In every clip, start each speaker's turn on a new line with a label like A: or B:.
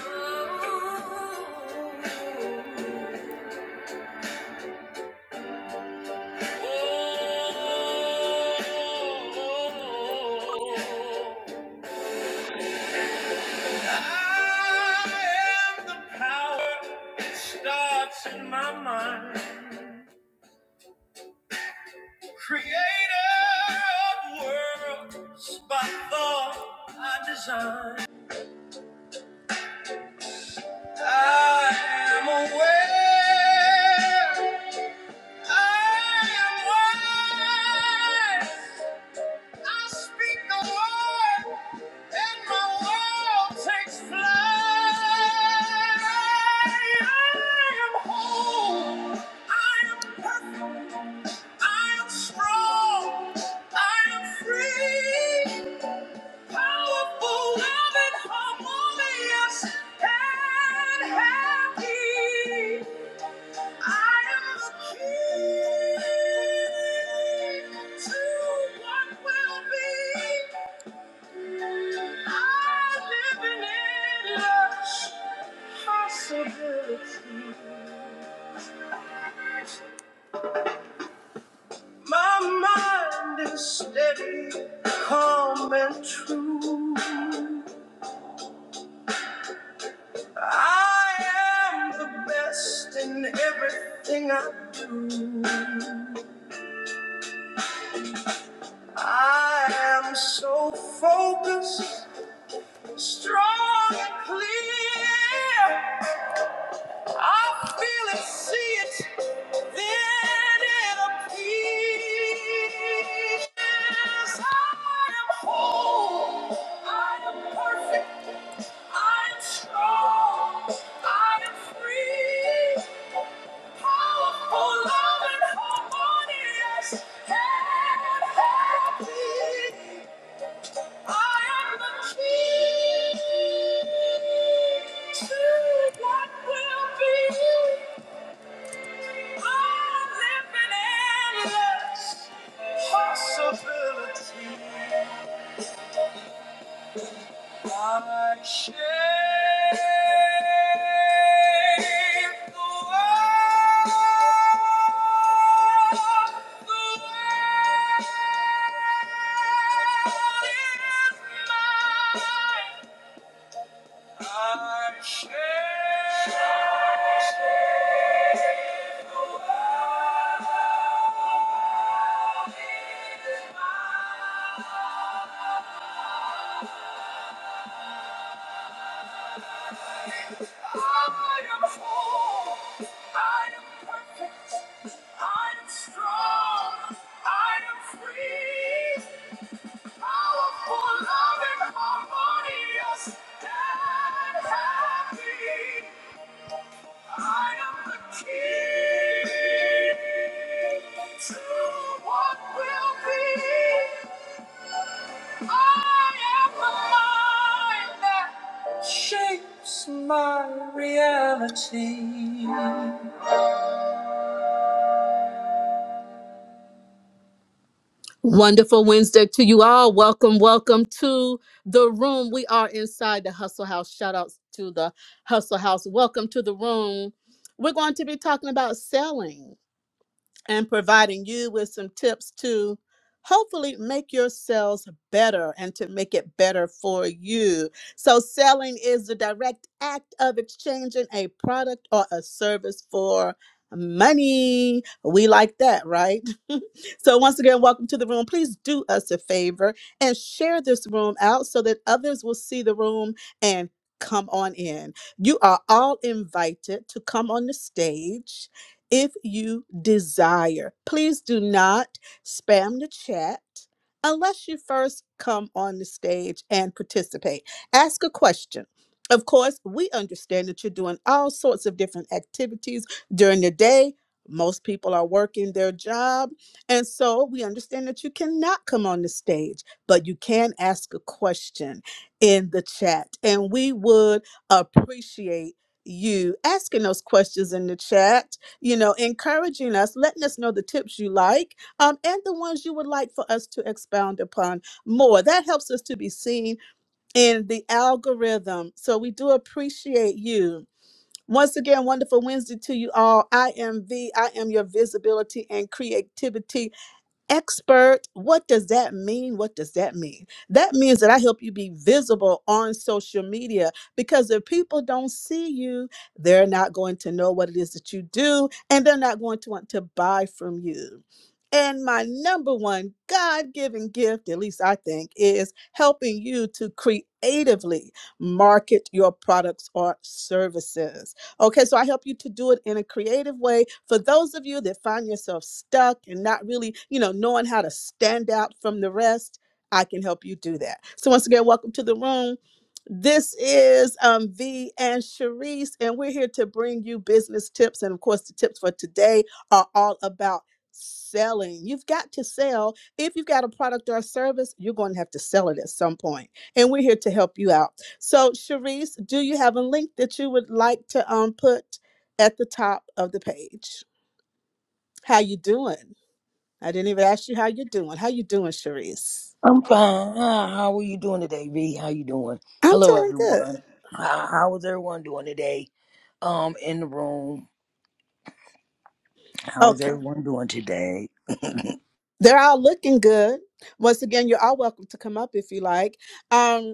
A: I am the power that starts in my mind. Creator of worlds by thought I design. I am aware. I am wise. I speak the word, and my world takes flight. I am whole. I am perfect. I am strong. I am free. Powerful, loving, harmonious, and happy. My mind is steady, calm and true. I am the best in everything I do. I am so focused, strong and clear. I feel it, see it, then it appears. I am whole, I am perfect, I am strong, I am free, powerful, loving, harmonious, and happy. Thank you. I shall I am whole. I am perfect. I am strong. I am free. Powerful, loving, harmonious, and happy. I am the key to what will be. I am the mind that shapes my reality. Wonderful Wednesday to you all. Welcome, welcome to the room. We are inside the Hustle House. Shout outs to the Hustle House. Welcome to the room. We're going to be talking about selling. and providing you with some tips to hopefully make your sales better and to make it better for you. So, selling is the direct act of exchanging a product or a service for money. We like that, right? so, once again, welcome to the room. Please do us a favor and share this room out so that others will see the room and come on in. You are all invited to come on the stage if you desire. Please do not spam the chat unless you first come on the stage and participate. Ask a question. Of course, we understand that you're doing all sorts of different activities during the day. Most people are working their job. And so we understand that you cannot come on the stage, but you can ask a question in the chat. And we would appreciate you asking those questions in the chat you know, encouraging us, letting us know the tips you like um, and the ones you would like for us to expound upon more. That helps us to be seen in the algorithm. So we do appreciate you. Once again, wonderful Wednesday to you all. I am V. I am your visibility and creativity expert. What does that mean? What does that mean? That means that I help you be visible on social media because if people don't see you, they're not going to know what it is that you do and they're not going to want to buy from you. And my number one God given gift, at least I think, is helping you to creatively market your products or services Okay, so I help you to do it in a creative way. For those of you that find yourself stuck and not really, you know, knowing how to stand out from the rest, I can help you do that. So once again, welcome to the room. This is um, V and Sharice, and we're here to bring you business tips. And of course, the tips for today are all about selling. You've got to sell. If you've got a product or a service, you're going to have to sell it at some point. And we're here to help you out. So, Cherise, do you have a link that you would like to um put at the top of the page? How you doing? I didn't even ask you how you doing. How you doing, Cherise?
B: I'm fine. Hi, How are you doing today, V? How you doing?
A: I'm
B: Hello,
A: doing good.
B: everyone. How, how is everyone doing today? Um, in the room. How is
A: Okay.
B: everyone doing today?
A: They're all looking good. Once again, you're all welcome to come up if you like. Um.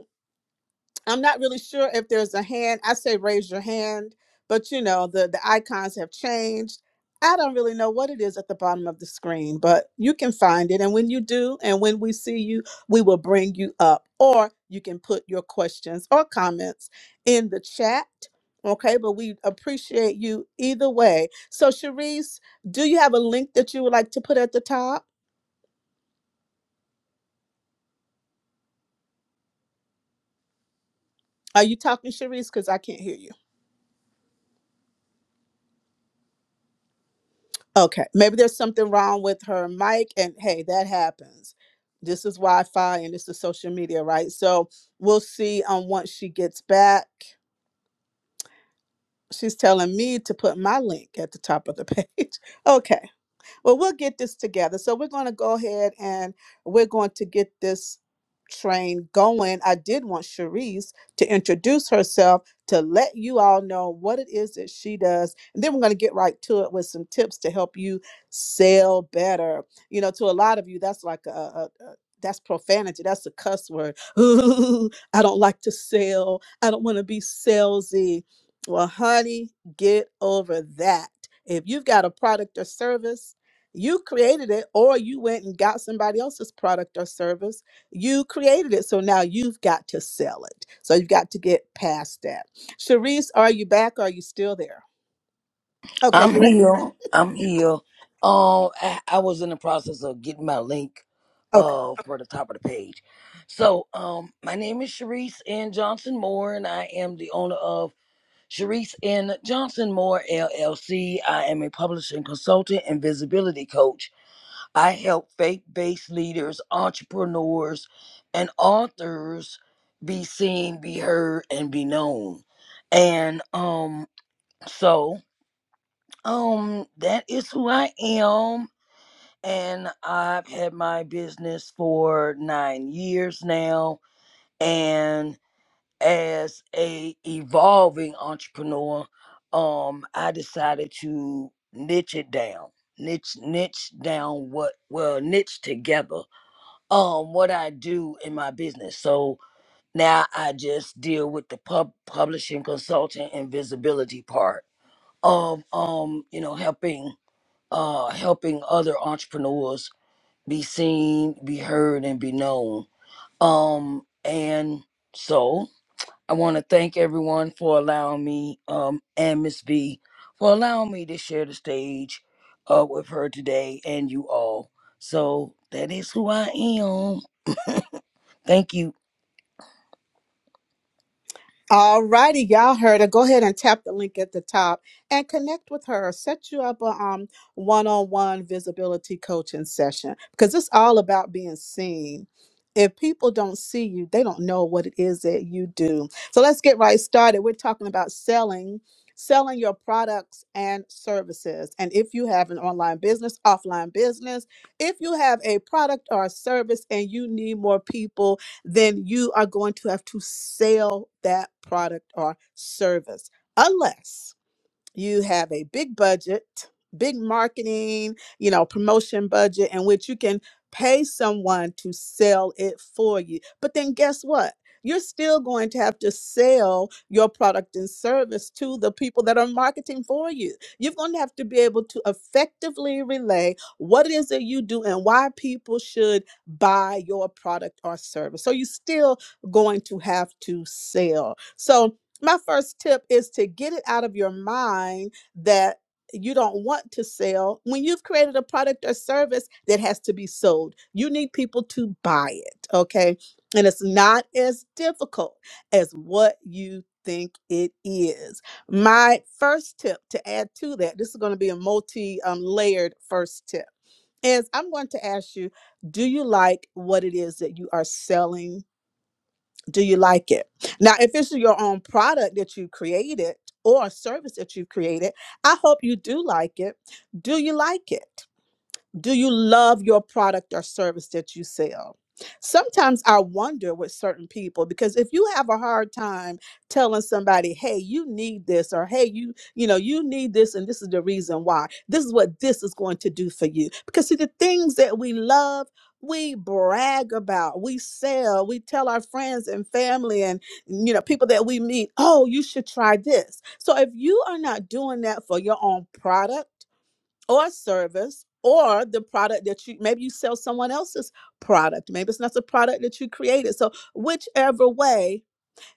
A: I'm not really sure if there's a hand. I say raise your hand, but you know, the the icons have changed. I don't really know what it is at the bottom of the screen, but you can find it. And when you do, and when we see you, we will bring you up. Or you can put your questions or comments in the chat. Okay, but we appreciate you either way. So, Cherise, do you have a link that you would like to put at the top? Are you talking, Cherise? Because I can't hear you. Okay, maybe there's something wrong with her mic, and hey, that happens. This is Wi-Fi and this is social media, right? So we'll see on once she gets back. She's telling me to put my link at the top of the page. Okay. Well, we'll get this together. So we're going to go ahead and we're going to get this train going. I did want Cherise to introduce herself to let you all know what it is that she does. And then we're going to get right to it with some tips to help you sell better. You know, to a lot of you, that's like a, a, a that's profanity. That's a cuss word. Ooh, I don't like to sell. I don't want to be salesy. Well, honey, get over that. If you've got a product or service, you created it, or you went and got somebody else's product or service. You created it. So now you've got to sell it. So you've got to get past that. Sharice, are you back? Are you still there? Okay,
B: I'm
A: you ready?
B: here. I'm here. Um, I, I was in the process of getting my link, uh, for the top of the page. So, um, my name is Sharice N. Johnson Moore, and I am the owner of Sharice N. Johnson Moore LLC. I am a publishing consultant and visibility coach I help faith based leaders, entrepreneurs, and authors be seen, be heard, and be known. And um, so um, that is who I am. And I've had my business for nine years now. And as a evolving entrepreneur, um, I decided to niche it down, niche niche down what well niche together um what I do in my business. So now I just deal with the pub publishing, consulting, and visibility part of um you know helping uh helping other entrepreneurs be seen, be heard, and be known. Um and so I want to thank everyone for allowing me um and Miss V for allowing me to share the stage uh with her today and you all. So that is who I am. Thank you.
A: All righty, y'all heard her. Go ahead and tap the link at the top and connect with her. Set you up a um one-on-one visibility coaching session because it's all about being seen. If people don't see you, they don't know what it is that you do. So let's get right started. We're talking about selling, selling your products and services. And if you have an online business, offline business, if you have a product or a service and you need more people then you are going to have to sell that product or service unless you have a big budget, big marketing, you know, promotion budget in which you can pay someone to sell it for you. But then guess what? You're still going to have to sell your product and service to the people that are marketing for you. You're going to have to be able to effectively relay what it is that you do and why people should buy your product or service. So you're still going to have to sell. So my first tip is to get it out of your mind that you don't want to sell when you've created a product or service that has to be sold. You need people to buy it, okay? And it's not as difficult as what you think it is. My first tip to add to that, this is going to be a multi um, layered first tip is I'm going to ask you, do you like what it is that you are selling? do you like it now if it's your own product that you created or a service that you've created i hope you do like it do you like it do you love your product or service that you sell? Sometimes I wonder with certain people because if you have a hard time telling somebody, "Hey, you need this," or "Hey, you, you know, you need this and this is the reason why. This is what this is going to do for you." Because see the things that we love, we brag about, we sell, we tell our friends and family and you know, people that we meet, "Oh, you should try this." So if you are not doing that for your own product, or service or the product that you maybe you sell someone else's product maybe it's not the product that you created so whichever way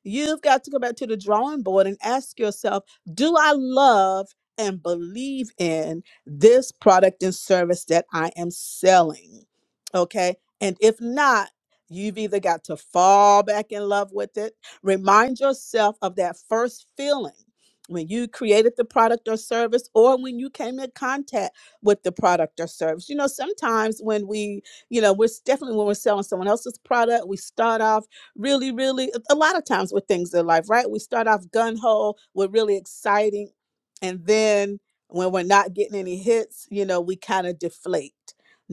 A: You've got to go back to the drawing board and ask yourself do I love and believe in this product and service that I am selling? Okay. And if not, you've either got to fall back in love with it, remind yourself of that first feeling. When you created the product or service, or when you came in contact with the product or service. You know, sometimes when we, you know, we're s- definitely when we're selling someone else's product, we start off really, really, a lot of times with things in life, right? We start off gun ho, we're really exciting. And then when we're not getting any hits, you know, we kind of deflate.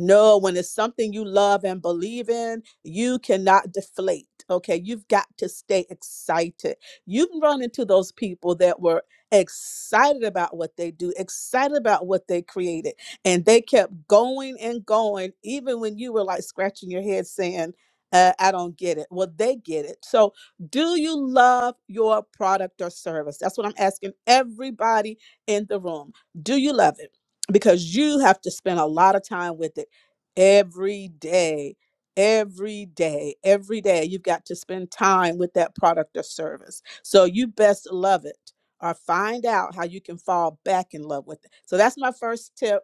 A: No, when it's something you love and believe in, you cannot deflate. Okay. You've got to stay excited. You can run into those people that were excited about what they do, excited about what they created. And they kept going and going, even when you were like scratching your head saying, uh, I don't get it. Well, they get it. So, do you love your product or service? That's what I'm asking everybody in the room. Do you love it? Because you have to spend a lot of time with it every day, every day, every day. You've got to spend time with that product or service. So, you best love it or find out how you can fall back in love with it. So, that's my first tip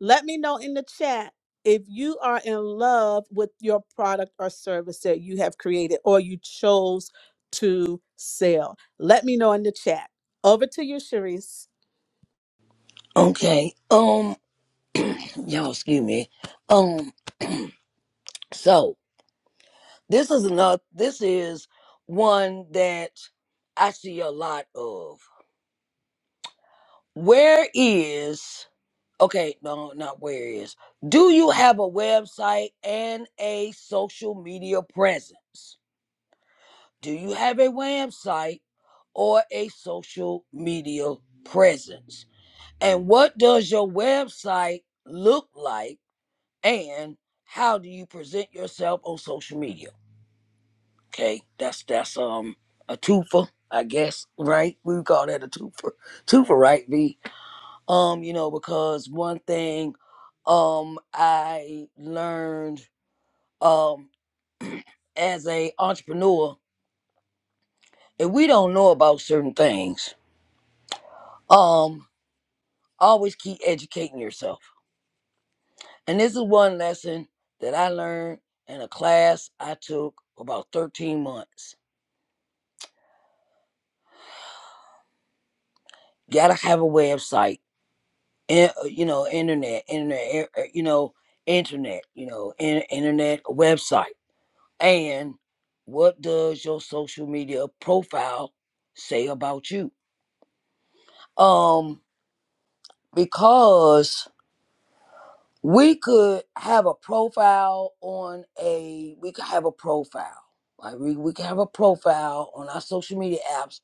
A: let me know in the chat if you are in love with your product or service that you have created or you chose to sell. Let me know in the chat. Over to you, Sharice.
B: Okay. Um y'all excuse me. Um so this is another this is one that I see a lot of. Where is okay, no, not where is. Do you have a website and a social media presence? Do you have a website or a social media presence? And what does your website look like? and how do you present yourself on social media? Okay, that's that's um a twofer, I guess, right? We would call that a twofer, twofer, right? V. Um, you know, because one thing, um, I learned, um, as a entrepreneur, if we don't know about certain things, um, always keep educating yourself. And this is one lesson that I learned in a class I took about 13 months. Gotta have a website in- uh, you know, internet, internet, er- er, you know, internet, you know, in, internet website. And what does your social media profile say about you? Um, because we could have a profile on a, we could have a profile, like we, we could have a profile on our social media apps,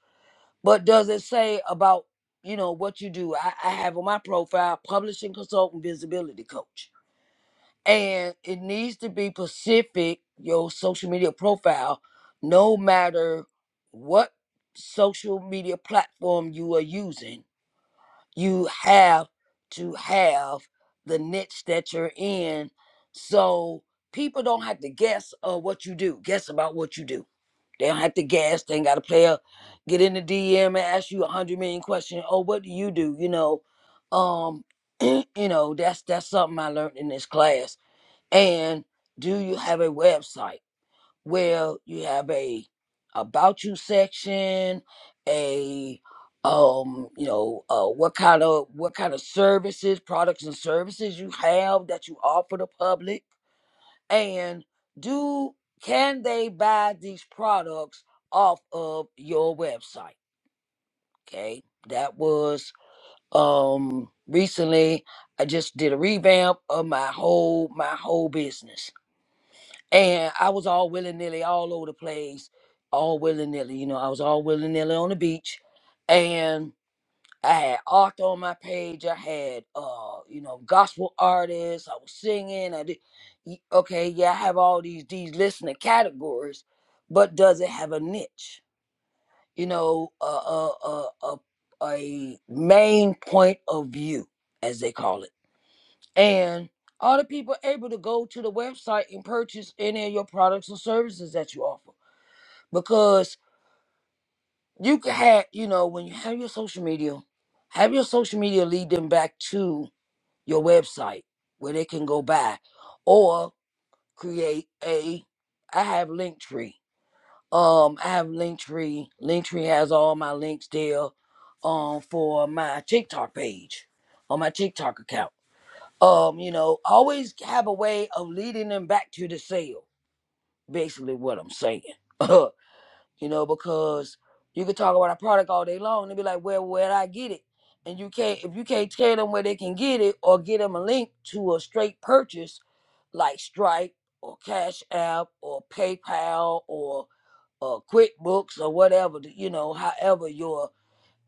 B: but does it say about, you know, what you do? I, I have on my profile, publishing consultant, visibility coach and it needs to be specific your social media profile no matter what social media platform you are using you have to have the niche that you're in so people don't have to guess uh, what you do guess about what you do they don't have to guess they ain't got to play a get in the dm and ask you a hundred million questions oh what do you do you know um you know that's that's something i learned in this class and do you have a website? Well, you have a about you section, a um, you know, uh, what kind of what kind of services, products and services you have that you offer the public, and do can they buy these products off of your website? Okay, that was um recently. I just did a revamp of my whole my whole business and I was all willy nilly all over the place, all willy nilly. You know, I was all willy nilly on the beach. And I had art on my page. I had, uh, you know, gospel artists. I was singing. I did. y- Okay, yeah, I have all these these listening categories, but does it have a niche? You know, a a a a, a main point of view, as they call it and all the people able to go to the website and purchase any of your products or services that you offer because you can have you know when you have your social media have your social media lead them back to your website where they can go buy or create a i have linktree um i have linktree linktree has all my links there um for my tiktok page on my tiktok account um, you know, always have a way of leading them back to the sale. Basically, what I'm saying, you know, because you can talk about a product all day long and they be like, "Well, where would I get it?" And you can't if you can't tell them where they can get it or get them a link to a straight purchase like Stripe or Cash App or PayPal or uh, QuickBooks or whatever, you know, however you're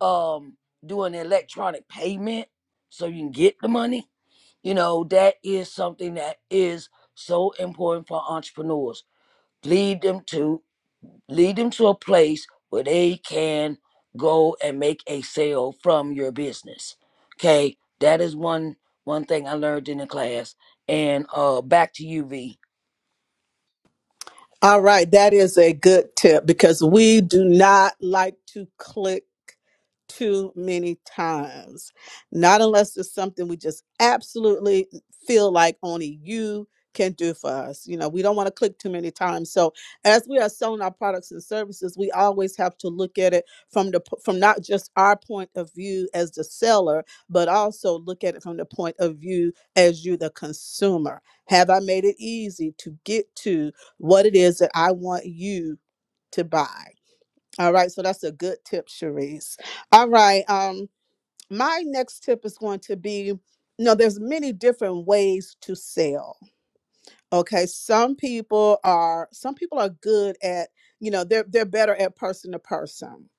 B: um, doing electronic payment so you can get the money you know, that is something that is so important for entrepreneurs. Lead them to lead them to a place where they can go and make a sale from your business. Okay? That is one one thing I learned in the class. And uh back to you V.
A: All right, that is a good tip because we do not like to click too many times. Not unless it's something we just absolutely feel like only you can do for us. You know, we don't want to click too many times. So, as we are selling our products and services, we always have to look at it from the p- from not just our point of view as the seller, but also look at it from the point of view as you the consumer. Have I made it easy to get to what it is that I want you to buy. All right, so that's a good tip, Cherise. All right, um, my next tip is going to be, you know, there's many different ways to sell Okay, some people are some people are good at, you know, they're they're better at person to person.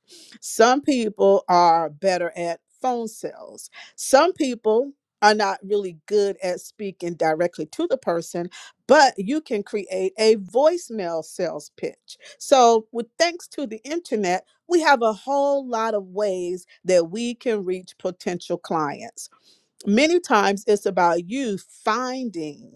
A: Some people are better at phone sales. Some people are not really good at speaking directly to the person, but you can create a voicemail sales pitch. So, with thanks to the internet, we have a whole lot of ways that we can reach potential clients. Many times it's about you finding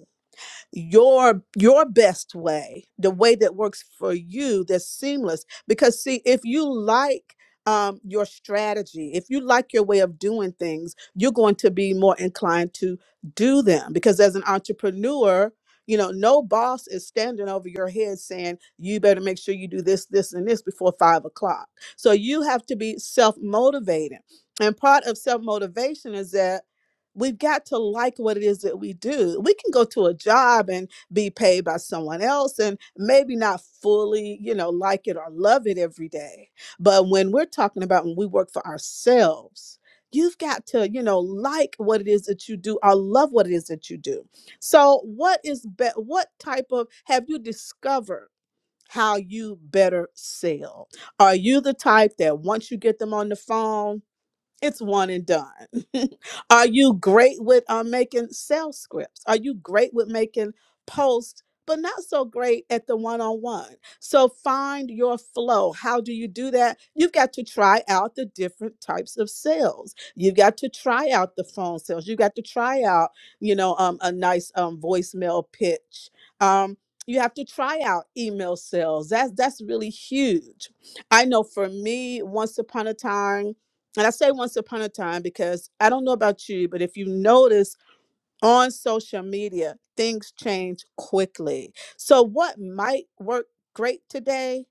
A: your your best way the way that works for you that's seamless because see if you like um, your strategy if you like your way of doing things you're going to be more inclined to do them because as an entrepreneur you know no boss is standing over your head saying you better make sure you do this this and this before five o'clock so you have to be self-motivated and part of self-motivation is that We've got to like what it is that we do. We can go to a job and be paid by someone else and maybe not fully, you know, like it or love it every day. But when we're talking about when we work for ourselves, you've got to, you know, like what it is that you do or love what it is that you do. So, what is be- what type of have you discovered how you better sell? Are you the type that once you get them on the phone, it's one and done. Are you great with uh, making sales scripts? Are you great with making posts, but not so great at the one on one? So find your flow. How do you do that? You've got to try out the different types of sales. You've got to try out the phone sales. You've got to try out, you know, um, a nice um, voicemail pitch. Um, you have to try out email sales. That's that's really huge. I know for me, once upon a time. And I say once upon a time because I don't know about you, but if you notice on social media, things change quickly. So, what might work great today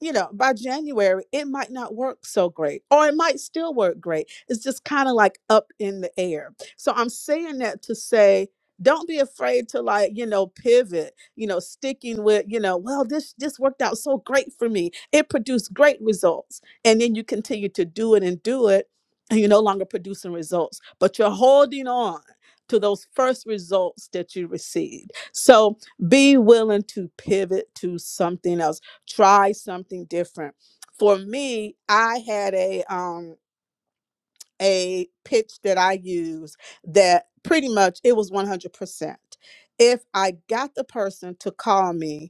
A: you know, by January, it might not work so great, or it might still work great. It's just kind of like up in the air. So I'm saying that to say, don't be afraid to like, you know, pivot, you know, sticking with, you know, well, this this worked out so great for me. It produced great results. And then you continue to do it and do it, and you're no longer producing results, but you're holding on to those first results that you received. So be willing to pivot to something else try something different. For me, I had a um a pitch that I used that pretty much it was 100%. If I got the person to call me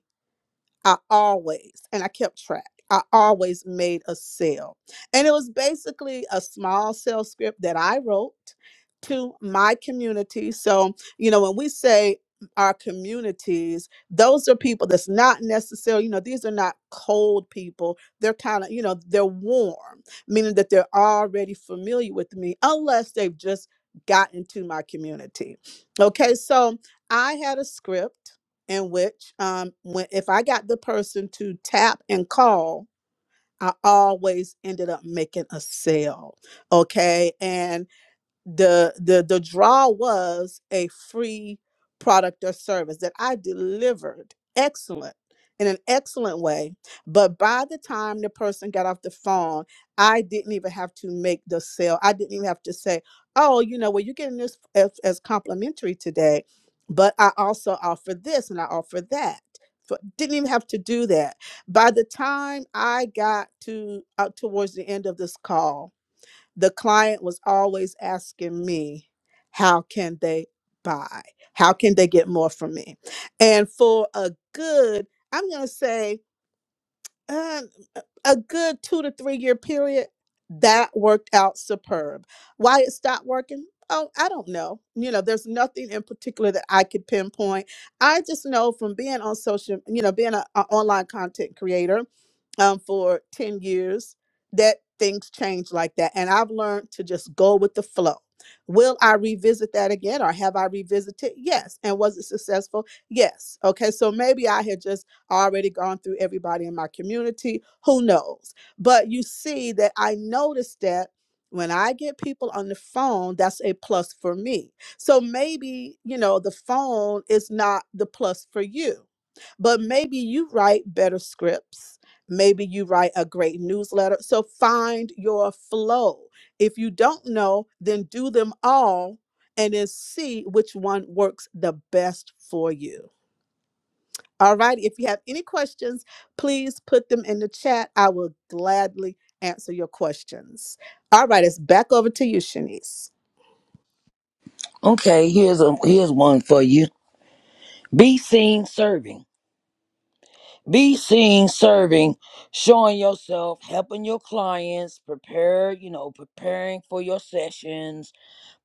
A: I always, and I kept track, I always made a sale. And it was basically a small sales script that I wrote to my community. So, you know, when we say our communities, those are people that's not necessarily, you know, these are not cold people. They're kind of, you know, they're warm, meaning that they're already familiar with me, unless they've just gotten to my community. Okay, so I had a script in which um when if I got the person to tap and call, I always ended up making a sale. Okay. and the the the draw was a free product or service that I delivered excellent in an excellent way but by the time the person got off the phone I didn't even have to make the sale I didn't even have to say oh you know well you're getting this as, as complimentary today but I also offer this and I offer that So didn't even have to do that by the time I got to uh, towards the end of this call the client was always asking me, how can they buy? How can they get more from me? And for a good, I'm going to say uh, a good two to three year period, that worked out superb. Why it stopped working? Oh, I don't know. You know, there's nothing in particular that I could pinpoint. I just know from being on social, you know, being an online content creator um, for 10 years that things change like that. And I've learned to just go with the flow. Will I revisit that again or have I revisited? Yes. And was it successful? Yes. Okay. So maybe I had just I already gone through everybody in my community. Who knows? But you see that I noticed that when I get people on the phone, that's a plus for me. So maybe, you know, the phone is not the plus for you, but maybe you write better scripts. Maybe you write a great newsletter. So find your flow. If you don't know, then do them all and then see which one works the best for you. All right. If you have any questions, please put them in the chat. I will gladly answer your questions. All right. It's back over to you, Shanice.
B: Okay, here's a here's one for you. Be seen serving. Be seen serving, showing yourself, helping your clients, prepare, you know, preparing for your sessions,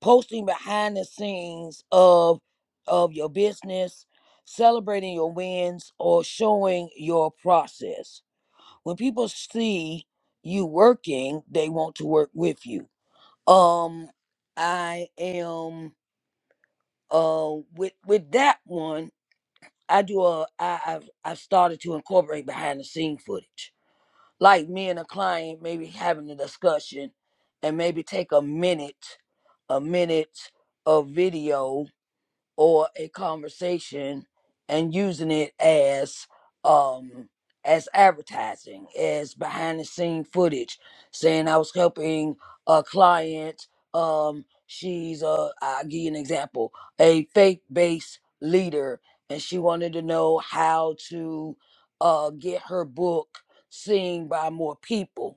B: posting behind the scenes of of your business, celebrating your wins or showing your process. When people see you working, they want to work with you. Um I am uh with with that one, I do a I I've I've started to incorporate behind the scene footage. Like me and a client maybe having a discussion and maybe take a minute, a minute of video or a conversation and using it as um as advertising as behind the scene footage saying i was helping a client um she's uh i'll give you an example a faith based leader and she wanted to know how to uh get her book seen by more people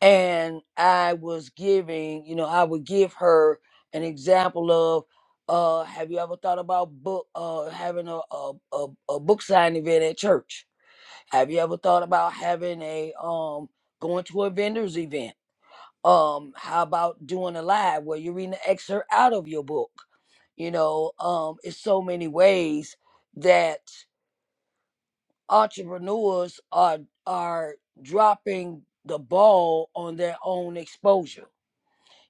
B: and I was giving, you know, I would give her an example of, uh, have you ever thought about book, uh, having a, a, a, a book signing event at church? Have you ever thought about having a, um, going to a vendor's event? Um, how about doing a live where you're reading an excerpt out of your book? You know, um, it's so many ways that entrepreneurs are are dropping the ball on their own exposure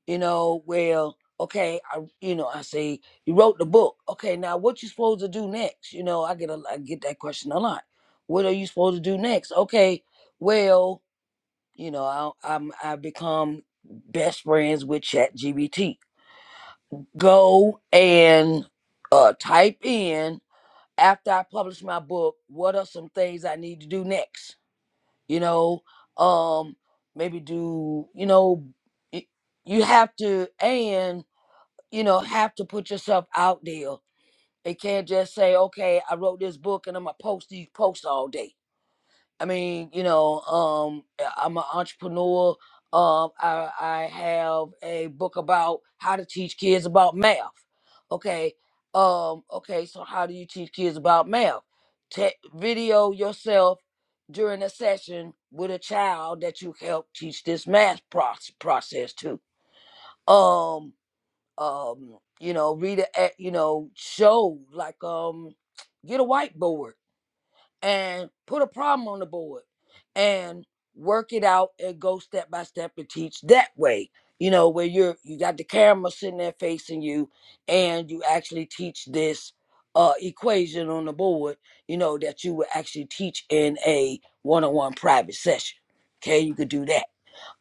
B: you know, well, okay, I, you know, I say you wrote the book. Okay, now what you supposed to do next? You know, I get a, I get that question a lot. What are you supposed to do next? Okay, well, you know, I, I'm I become best friends with ChatGPT. Go and uh, type in after I publish my book. What are some things I need to do next? You know, um, maybe do you know. y- You have to and you know, have to put yourself out there. They can't just say, okay, I wrote this book and I'm gonna post these posts all day. I mean, you know, um, I- I'm an entrepreneur. Um, I, I have a book about how to teach kids about math. Okay, um, okay, so how do you teach kids about math? Te- video yourself during a session with a child that you help teach this math proce- process to. Um, um you know rita a- you know showed like um get a whiteboard and put a problem on the board and work it out and go step by step and teach that way you know where you're you got the camera sitting there facing you and you actually teach this uh equation on the board you know that you would actually teach in a one-on-one private session okay you could do that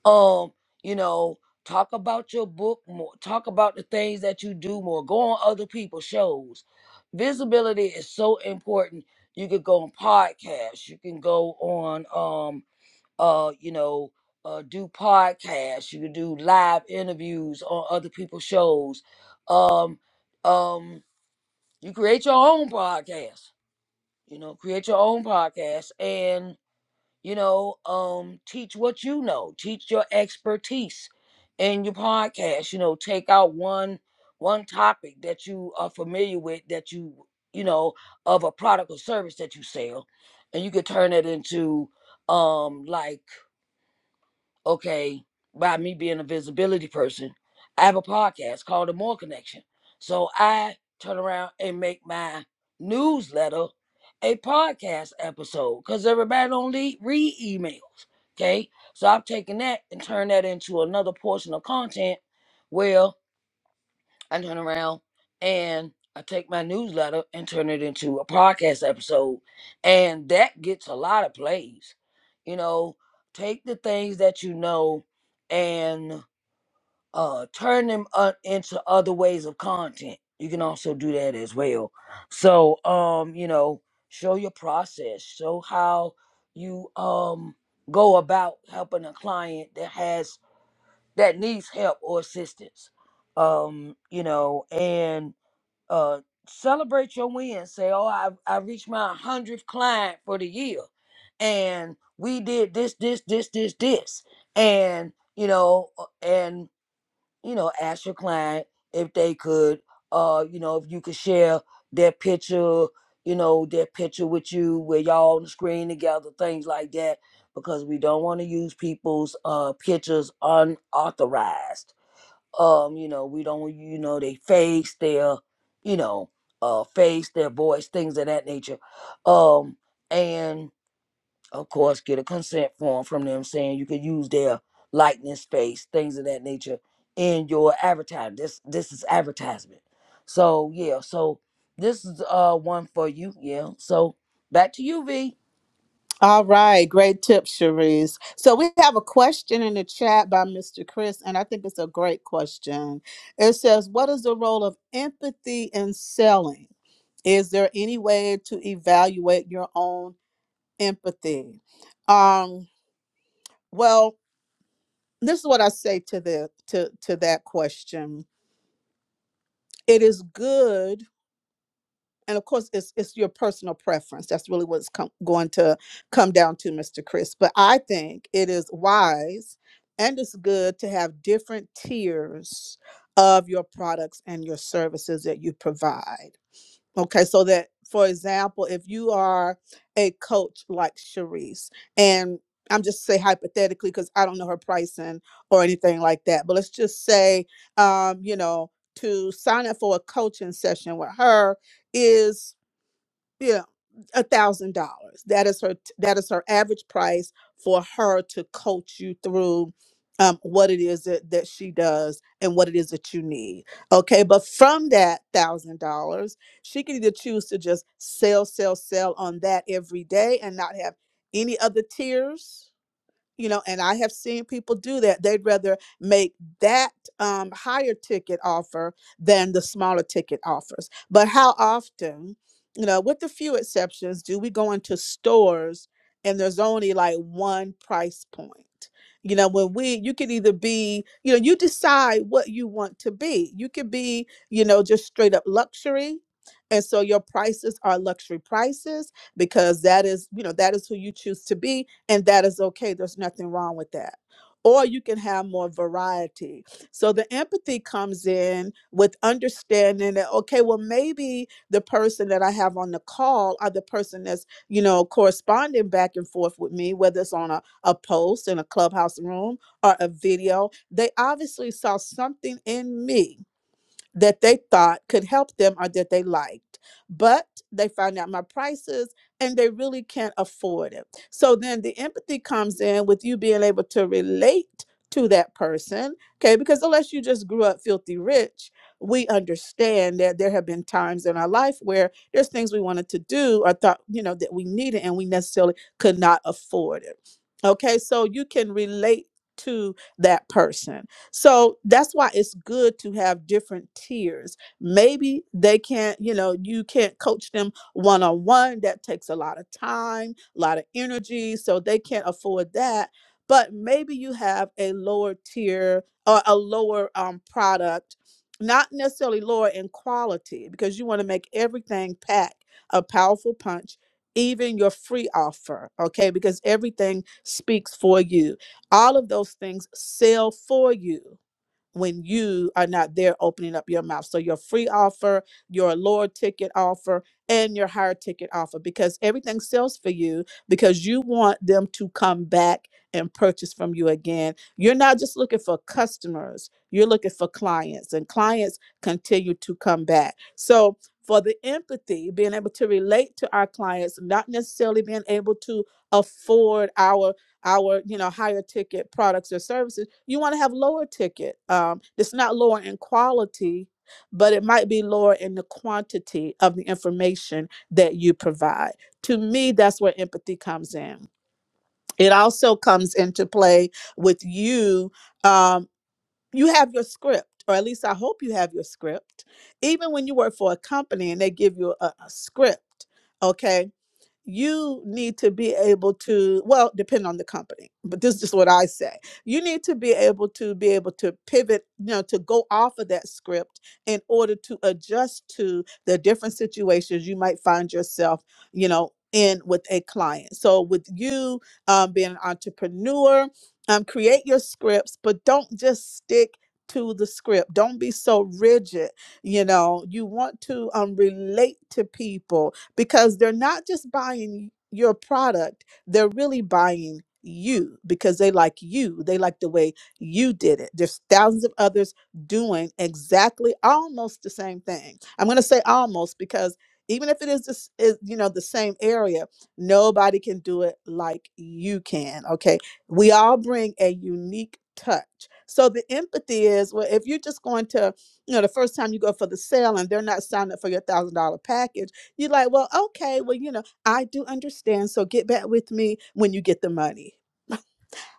B: um you know talk about your book more talk about the things that you do more go on other people's shows visibility is so important you could go on podcasts you can go on um uh you know uh do podcasts you can do live interviews on other people's shows um um you create your own podcast you know create your own podcast and you know um teach what you know teach your expertise in your podcast you know take out one one topic that you are familiar with that you you know of a product or service that you sell and you could turn it into um like okay, by me being a visibility person, I have a podcast called The More Connection. So I turn around and make my newsletter a podcast episode because everybody don't le- read emails. Okay. So I've taken that and turned that into another portion of content. where I turn around and I take my newsletter and turn it into a podcast episode. And that gets a lot of plays. You know, take the things that you know and uh, turn them uh, into other ways of content. You can also do that as well. So, um, you know, show your process, show how you um, go about helping a client that has that needs help or assistance. Um, you know, and uh, celebrate your win. Say, oh, I I reached my hundredth client for the year, and we did this, this, this, this, this, and you know, uh, and you know, ask your client if they could, uh, you know, if you could share their picture, you know, their picture with you, where y'all on the screen together, things like that, because we don't want to use people's uh pictures unauthorized. Um, you know, we don't, want you know, they face, their, you know, uh, face, their voice, things of that nature. Um, and of course, get a consent form from them saying you could use their likeness, space, things of that nature, in your advertising. This this is advertisement. So yeah, so this is uh one for you. Yeah. So back to you, V.
A: All right, great tip, Cherise. So we have a question in the chat by Mr. Chris, and I think it's a great question. It says, "What is the role of empathy in selling? Is there any way to evaluate your own empathy?" Um, well, this is what I say to the to to that question. It is good and of course it's it's your personal preference that's really what's com- going to come down to mr chris but i think it is wise and it's good to have different tiers of your products and your services that you provide Okay, so that for example, if you are a coach like Sharice, and I'm just say hypothetically because I don't know her pricing or anything like that, but let's just say, um, you know, to sign up for a coaching session with her is yeah, a thousand dollars. That is her. That is her average price for her to coach you through um, what it is that, that she does and what it is that you need. Okay, but from that thousand dollars, she can either choose to just sell, sell, sell on that every day and not have any other tiers you know and i have seen people do that they'd rather make that um, higher ticket offer than the smaller ticket offers but how often you know with a few exceptions do we go into stores and there's only like one price point you know when we you can either be you know you decide what you want to be you could be you know just straight up luxury and so your prices are luxury prices because that is you know that is who you choose to be and that is okay. There's nothing wrong with that. Or you can have more variety. So the empathy comes in with understanding that, okay, well, maybe the person that I have on the call or the person that's, you know, corresponding back and forth with me, whether it's on a, a post in a clubhouse room or a video, they obviously saw something in me that they thought could help them or that they liked. But they found out my prices and they really can't afford it. So then the empathy comes in with you being able to relate to that person. Okay, because unless you just grew up filthy rich, we understand that there have been times in our life where there's things we wanted to do or thought, you know, that we needed and we necessarily could not afford it. Okay, so you can relate to that person so that's why it's good to have different tiers. Maybe they can't, you know, you can't coach them one on one. That takes a lot of time, a lot of energy. So they can't afford that. But maybe you have a lower tier or a lower um, product, not necessarily lower in quality, because you want to make everything pack a powerful punch, even your free offer, okay? Because everything speaks for you all of those things sell for you when you are not there opening up your mouth. So your free offer, your lower ticket offer, and your higher ticket offer, because everything sells for you because you want them to come back and purchase from you again. You're not just looking for customers, you're looking for clients, and clients continue to come back. So for the empathy, being able to relate to our clients, not necessarily being able to afford our our you know higher ticket products or services you want to have lower ticket um it's not lower in quality but it might be lower in the quantity of the information that you provide to me that's where empathy comes in it also comes into play with you um you have your script or at least i hope you have your script even when you work for a company and they give you a, a script okay you need to be able to well depend on the company but this is what i say you need to be able to be able to pivot you know to go off of that script in order to adjust to the different situations you might find yourself you know in with a client so with you um, being an entrepreneur um, create your scripts but don't just stick to the script don't be so rigid you know you want to um, relate to people because they're not just buying your product, they're really buying you because they like you. They like the way you did it. There's thousands of others doing exactly almost the same thing. I'm going to say almost because even if it is this is you know the same area, nobody can do it like you can, okay? We all bring a unique touch. So the empathy is well if you're just going to, you know, the first time you go for the sale and they're not signing up for your $1000 package, you're like, well, okay, well, you know, I do understand. So get back with me when you get the money.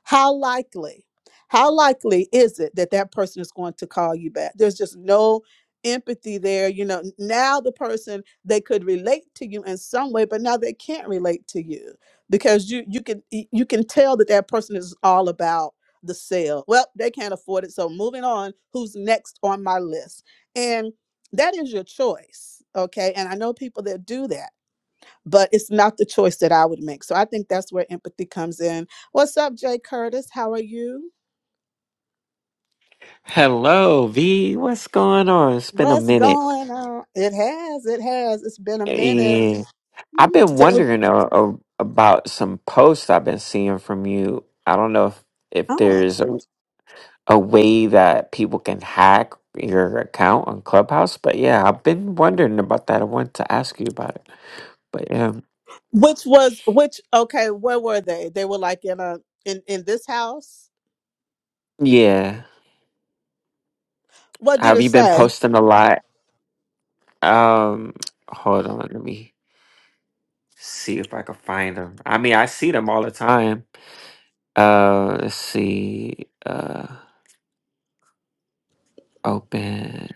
A: How likely, how likely is it that that person is going to call you back? There's just no empathy there. You know, now the person they could relate to you in some way, but now they can't relate to you because you you can y- you can tell that that person is all about the sale. Well, they can't afford it, so moving on. Who's next on my list? And that is your choice, okay? And I know people that do that but it's not the choice that I would make. So I think that's where empathy comes in. What's up, Jay Curtis? How are you?
C: Hello, V. What's going on? It's been a
A: What's
C: minute.
A: going on? It has, it has. It's been a minute.
C: Yeah. I've
A: Mm,
C: been
A: so it would-
C: wondering uh, uh, about some posts I've been seeing from you. I don't know if, if
A: Oh,
C: there's a, a way that people can hack your account on Clubhouse, but yeah, I've been wondering about that. I wanted to ask you about it. But um,
A: which was which? Okay, where were they? They were like in a in in this house.
C: yeah,
A: What did
C: have
A: it
C: you been
A: say?
C: posting a lot? Um, hold on, let me see if I can find them. I mean, I see them all the time. Uh, let's see. Uh. open.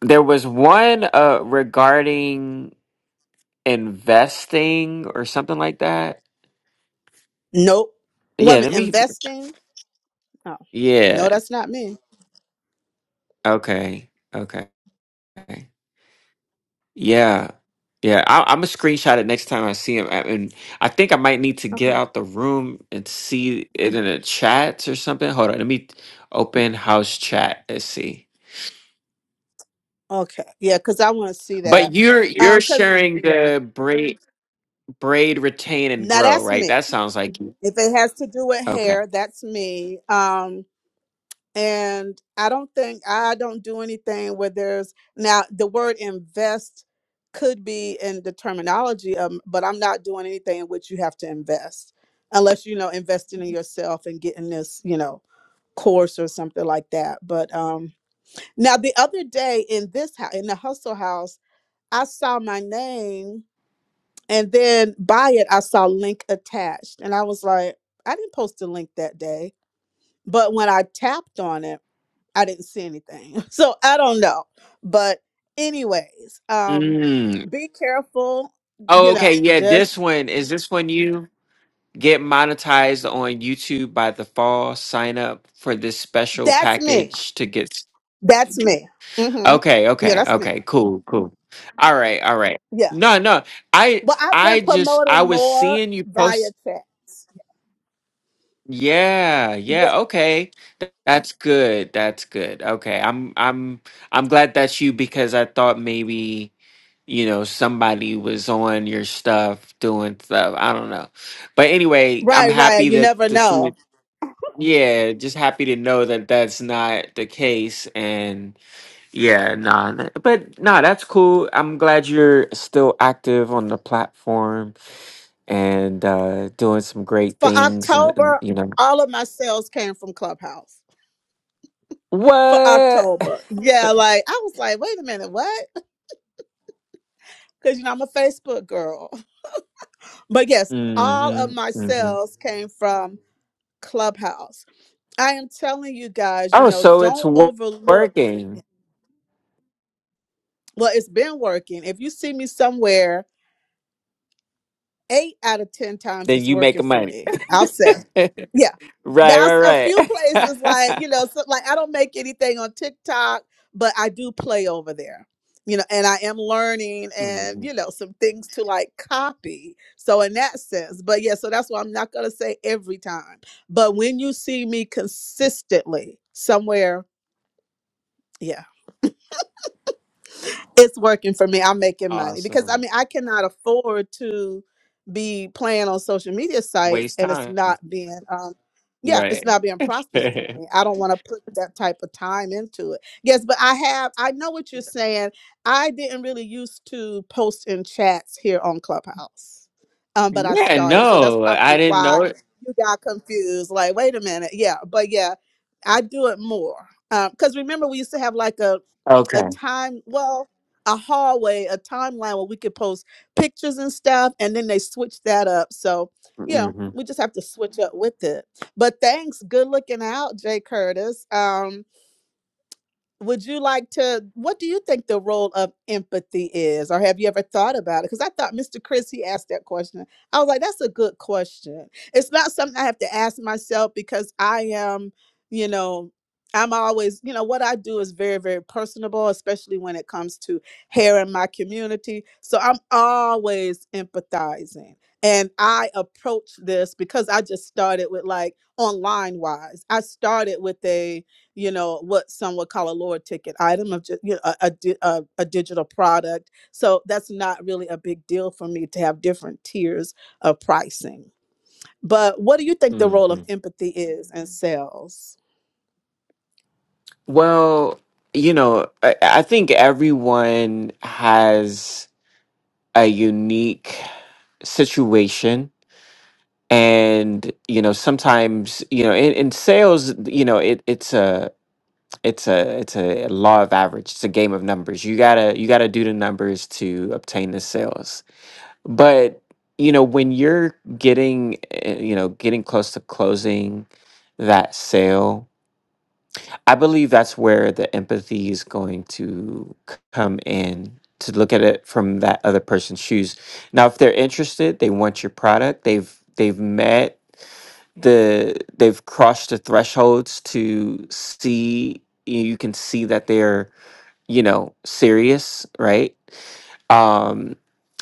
C: There was one uh regarding investing or something like that.
A: Nope.
C: Yeah,
A: Women
C: let me
A: investing. Oh, no,
C: yeah.
A: that's not me.
C: Okay. Okay. Yeah. Yeah, I, I'm gonna screenshot it next time I see him, I, and I think I might need to get
A: Okay.
C: out the room and see it in a chat or something. Hold on, let me open house chat. Let's see.
A: Okay. Yeah, because I want to see
C: But
A: that.
C: you're
A: Um,
C: you're
A: because
C: sharing the braid, braid, retain, and
A: now
C: grow,
A: that's
C: right?
A: me.
C: That sounds like you.
A: If it has to do with
C: Okay.
A: hair, that's me. Um, and i don't think i don't do anything where there's now the word invest could be in the terminology um, but i'm not doing anything in which you have to invest unless you know investing in yourself and getting this you know course or something like that but um now the other day in this house in the hustle house i saw my name and then by it i saw link attached and i was like i didn't post a link that day but when i tapped on it I didn't see anything. So I don't know. But anyways, um be careful,
C: Oh,
A: you
C: okay.
A: know,
C: Yeah,
A: just
C: this one is this when you get monetized on YouTube by the fall. Sign up for this special
A: that's me.
C: package to get. s-
A: That's me. Mhm.
C: Okay,
A: Yeah,
C: okay,
A: that's me.
C: okay. Cool, cool. All right, all right.
A: Yeah.
C: No, no. I
A: Well, I've been
C: I just I
A: promoting
C: was
A: more
C: seeing you
A: via
C: post.
A: chat.
C: Yeah,
A: Yeah.
C: yeah. Okay, Th- that's good. That's good. Okay, I'm I'm I'm glad that's you because I thought maybe. you know somebody was on your stuff doing stuff i don't know but anyway i'm
A: Right, right.
C: happy
A: You
C: that
A: never
C: to
A: know.
C: see yeah just happy to know that that's not the case and yeah nah th- but nah that's cool i'm glad you're still active on the platform and uh doing some great
A: For
C: things and, and
A: October,
C: you know
A: all of my sales came from Clubhouse. For
C: what
A: October. Yeah, like I was like, wait a minute, what? Cuz you know I'm a Facebook girl. But yes, all of
C: mm-hmm,
A: my
C: mm-hmm.
A: sales came from Clubhouse. I am telling you guys, you
C: oh
A: know,
C: so it's
A: don't
C: wo-
A: overlook.
C: working
A: Well, it's been working. If you see me somewhere, eight out of 10 times
C: then
A: it's
C: you make
A: working for
C: money
A: me. I'll say,
C: right
A: yeah. Now, s- a
C: right
A: few places
C: right
A: like, you know, so, like I don't make anything on TikTok, but I do play over there, you know, and I am learning and,
C: Mhm.
A: you know, some things to like copy. So, in that sense, but yeah, so that's why I'm not going to say every time. But when you see me consistently somewhere, yeah. it's working for me. I'm making money because I
C: Awesome.
A: mean I cannot afford to be playing on social media sites
C: Waste
A: and it's
C: time.
A: not being um yeah, it's
C: Right.
A: not being prosperous for
C: yeah,
A: me. I don't want to put that type of time into it. Yes, but I have I know what you're saying. I didn't really used to post in chats here on Clubhouse. Um but I started. So that's
C: no, I
A: probably
C: didn't
A: why
C: know it.
A: you got confused like wait a minute. Yeah, but yeah, I do it more. Um cuz remember we used to have like a a
C: Okay.
A: time well a hallway, a timeline where we could post pictures and stuff. And then they switched that up. So, you know,
C: hmm
A: we just have to switch up with it. But thanks. Good looking out, Jay Curtis. Um, would you like to what do you think the role of empathy is or have you ever thought about it because i thought mr chris he asked that question i was like that's a good question it's not something i have to ask myself because i am you know i'm always you know what i do is very very personable especially when it comes to hair in my community so i'm always empathizing and i approach this because i just started with like online wise i started with a you know what some would call a lower ticket item of just you know, a, a, di- a, a digital product so that's not really a big deal for me to have different tiers of pricing but what do you think the
C: hmm
A: role of empathy is in sales
C: Well, you know, I, I think everyone has a unique situation. And, you know, sometimes, you know, in, in sales, you know, it, it's a it's a it's a law of average. It's a game of numbers. You gotta you gotta do the numbers to obtain the sales But, you know, when you're getting, eh, you know, getting close to closing that sale, I believe that's where the empathy is going to c- come in to look at it from that other person's shoes. Now, if they're interested, they want your product, they've they've met the they've crossed the thresholds to see you can see that they're, you know, serious, right? um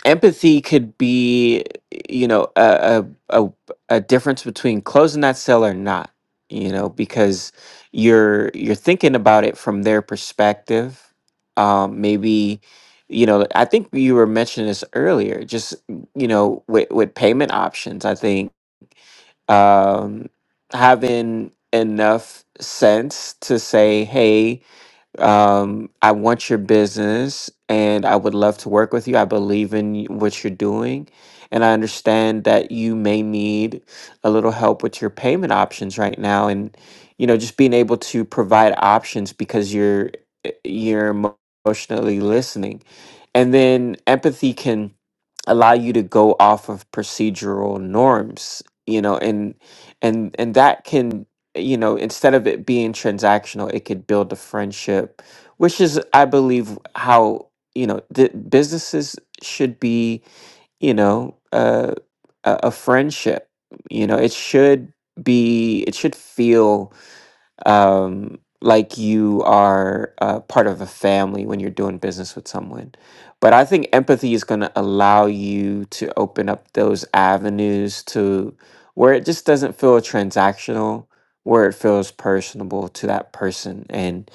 C: empathy could be you know a a a, a difference between closing that sale or not you know because you're you're thinking about it from their perspective um maybe you know i think you were mentioning this earlier just you know with with payment options i think um having enough sense to say hey um, I want your business and I would love to work with you. I believe in y- what you're doing. And I understand that you may need a little help with your payment options right now. And, you know, just being able to provide options because you're, eh, you're emo- emotionally listening. And then empathy can allow you to go off of procedural norms, you know, and, and, and that can you know, instead of it being transactional, it could build a friendship, which is, I believe, how, you know, the businesses should be, you know, uh, a, a friendship. You know, it should be, it should feel um, like you are uh, part of a family when you're doing business with someone. But I think empathy is going to allow you to open up those avenues to where it just doesn't feel transactional, where it feels personable to that person. And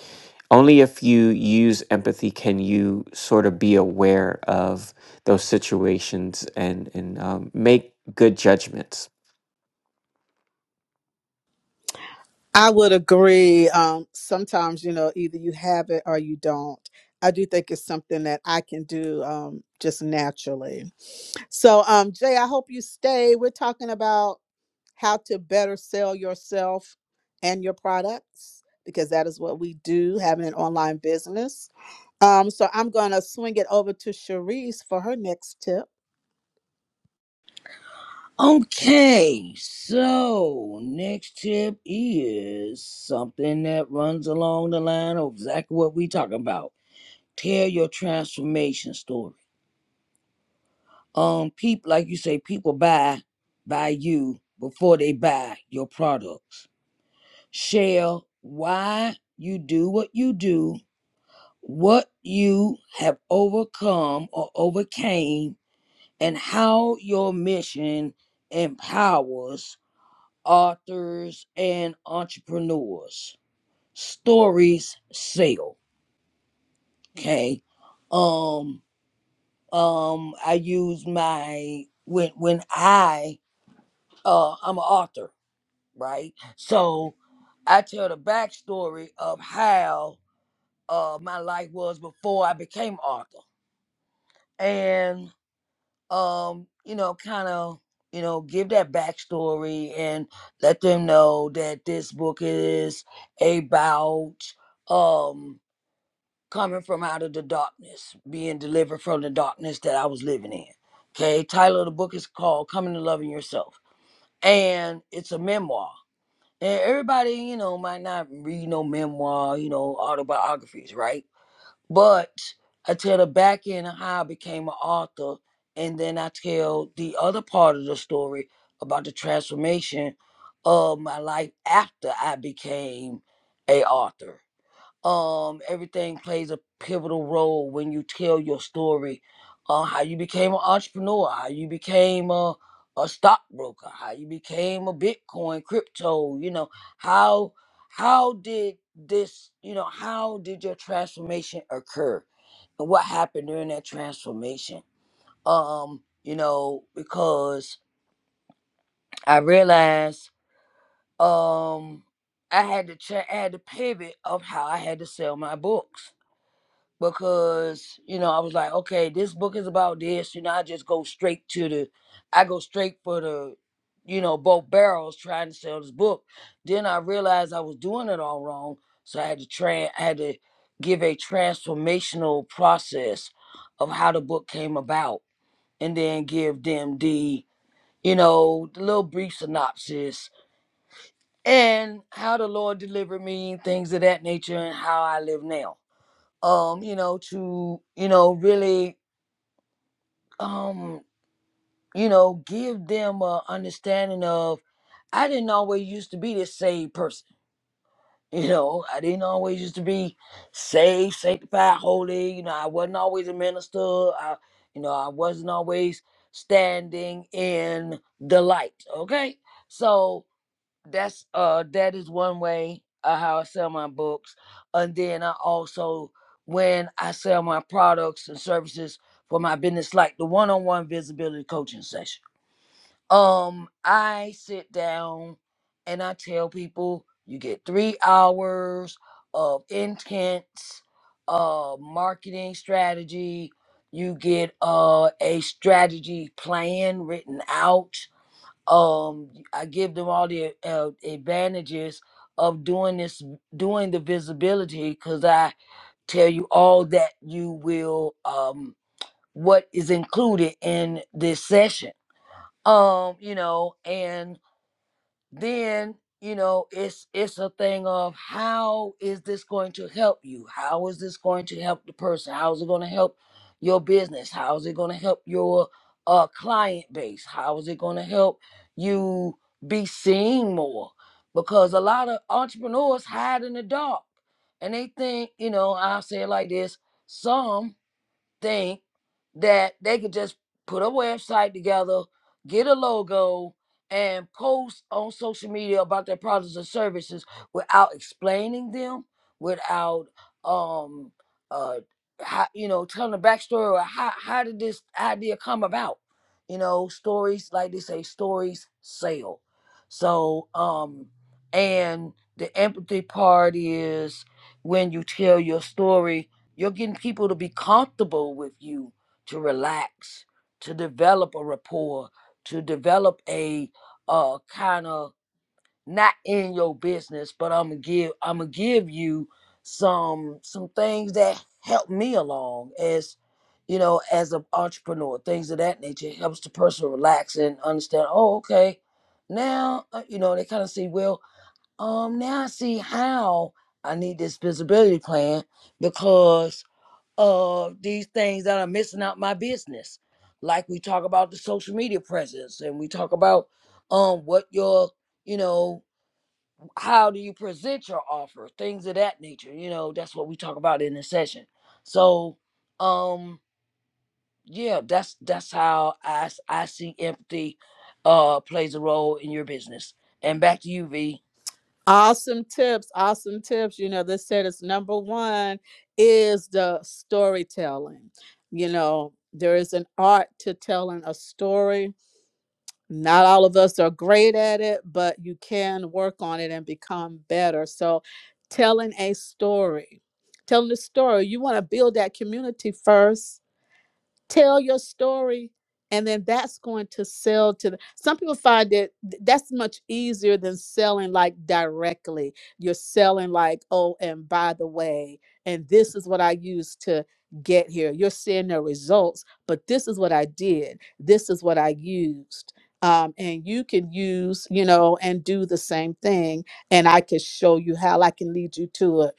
C: only if you use empathy can you sort of be aware of those situations and, and um, make good judgments.
A: i would agree um, sometimes you know either you have it or you don't i do think it's something that i can do um, just naturally so um, jay i hope you stay we're talking about how to better sell yourself and your products because that is what we do having an online business. Um, so I'm going to swing it over to Cherise for her next tip.
B: Okay, so next tip is something that runs along the line of exactly what we talking about. Tell your transformation story. um people like you say people buy buy you before they buy your products share why you do what you do what you have overcome or overcame and how your mission empowers authors and entrepreneurs stories sell okay um um i use my when when i uh i'm an author right? So I tell the backstory of how uh my life was before I became Arthur. And um, you know, kind of, you know, give that backstory and let them know that this book is about um coming from out of the darkness, being delivered from the darkness that I was living in. Okay, title of the book is called Coming to Loving Yourself. And it's a memoir And everybody, you know, might not read no memoir, you know, autobiographies, right? But I tell the back end of how I became an author, and then I tell the other part of the story about the transformation of my life after I became a author um everything plays a pivotal role when you tell your story uh how you became an entrepreneur how you became a a stockbroker how you became a bitcoin crypto you know how how did this you know how did your transformation occur and what happened during that transformation um you know because i realized um i had to ch- i had to pivot of how i had to sell my books because you know I was like, okay, this book is about this. You know, I just go straight to the, I go straight for the, you know, both barrels trying to sell this book. Then I realized I was doing it all wrong, so I had to tran, I had to give a transformational process of how the book came about, and then give them the, you know, the little brief synopsis and how the Lord delivered me, things of that nature, and how I live now um, you know, to, you know, really, um, you know, give them a understanding of I didn't always used to be this saved person. You know, I didn't always used to be saved, sanctified, holy. You know, I wasn't always a minister. I, you know, I wasn't always standing in the light. Okay, so that's uh that is one way uh how I sell my books. And then I also when I sell my products and services for my business, like the one-on-one visibility coaching session. Um, I sit down and I tell people you get three hours of intense uh marketing strategy. You get uh a strategy plan written out um i give them all the uh, advantages of doing this doing the visibility because i tell you all that you will um what is included in this session um you know and then you know it's it's a thing of how is this going to help you how is this going to help the person how is it going to help your business how is it going to help your uh client base how is it going to help you be seen more because a lot of entrepreneurs hide in the dark and they think you know i'll say it like this some thing that they could just put a website together, get a logo, and post on social media about their products or services without explaining them, without um uh how, you know telling the backstory or how how did this idea come about? You know, stories like they say, stories sell. So um and the empathy part is when you tell your story you're getting people to be comfortable with you, to relax, to develop a rapport, to develop a uh kind of not in your business, but I'm gonna give I'm gonna give you some some things that help me along as you know as an entrepreneur, things of that nature It helps the person relax and understand. Oh, okay, now uh, you know they kind of see well. Um, now I see how I need this visibility plan because of these things that are missing out my business. Like we talk about the social media presence and we talk about um what your you know how do you present your offer things of that nature you know that's what we talk about in the session so um yeah that's that's how i s- i see empathy uh plays a role in your business and back to you v
A: Awesome tips, awesome tips. You know, this said is number one is the storytelling. You know, there is an art to telling a story. Not all of us are great at it, but you can work on it and become better. So, telling a story, telling a story, you want to build that community first tell your story and then that's going to sell to the some people find that th- that's much easier than selling like directly you're selling like oh and by the way and this is what i used to get here you're seeing the results but this is what i did this is what i used um, and you can use you know and do the same thing and i can show you how i can lead you to it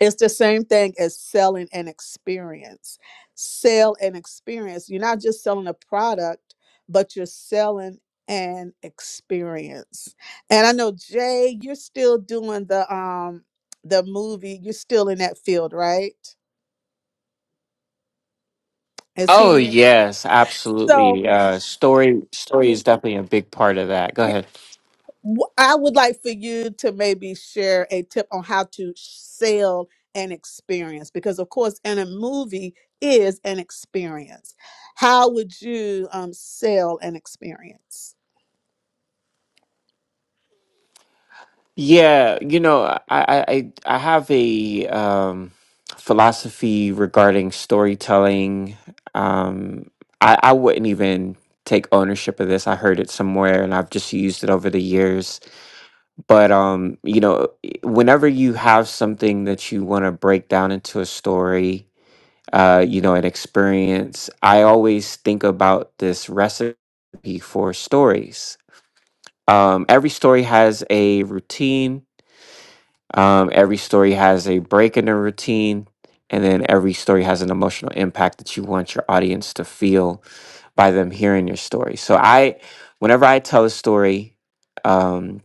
A: it's the same thing as selling an experience. Sell an experience. You're not just selling a product, but you're selling an experience. And I know Jay, you're still doing the um the movie. You're still in that field, right? Is he?
C: Oh
A: Mhm.
C: yes,
A: So
C: absolutely. Uh, story story is definitely a big part of that. Go ahead.
A: Wh- I would like for you to maybe share a tip on how to sell an experience because, of course, in a movie is an experience. How would you um, sell an experience?
C: Yeah, you know, I I I I have a um, philosophy regarding storytelling. Um, I I wouldn't even take ownership of this. I heard it somewhere, and I've just used it over the years. But um, you know, whenever you have something that you want to break down into a story uh, you know, an experience. I always think about this recipe for stories. Um, every story has a routine, um, every story has a break in the routine, and then every story has an emotional impact that you want your audience to feel by them hearing your story. So I, whenever I tell a story, um,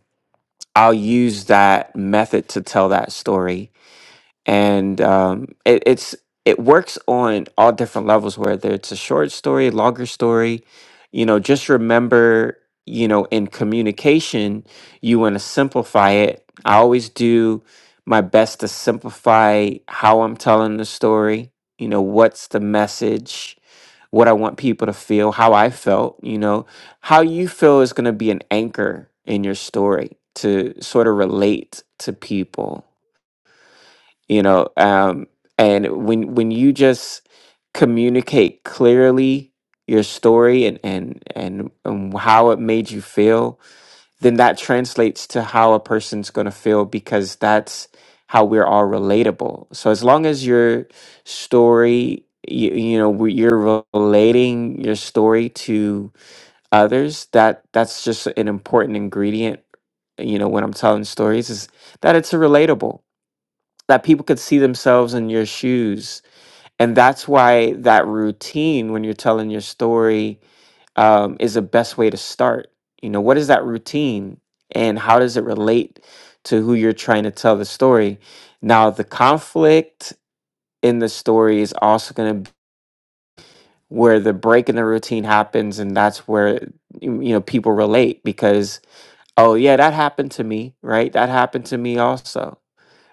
C: I'll use that method to tell that story and um, it, it's it works on all different levels whether it's a short story longer story you know just remember you know in communication you want to simplify it i always do my best to simplify how i'm telling the story you know what's the message what i want people to feel how i felt you know how you feel is going to be an anchor in your story to sort of relate to people you know um and when when you just communicate clearly your story and and and, and how it made you feel then that translates to how a person's going to feel because that's how we're all relatable so as long as your story you, you know where you're relating your story to others that that's just an important ingredient you know when i'm telling stories is that it's relatable that people could see themselves in your shoes. And that's why that routine, when you're telling your story, um, is the best way to start. You know, what is that routine and how does it relate to who you're trying to tell the story? Now, the conflict in the story is also going to where the break in the routine happens. And that's where, you you know, people relate because, oh, yeah, that happened to me, right? That happened to me also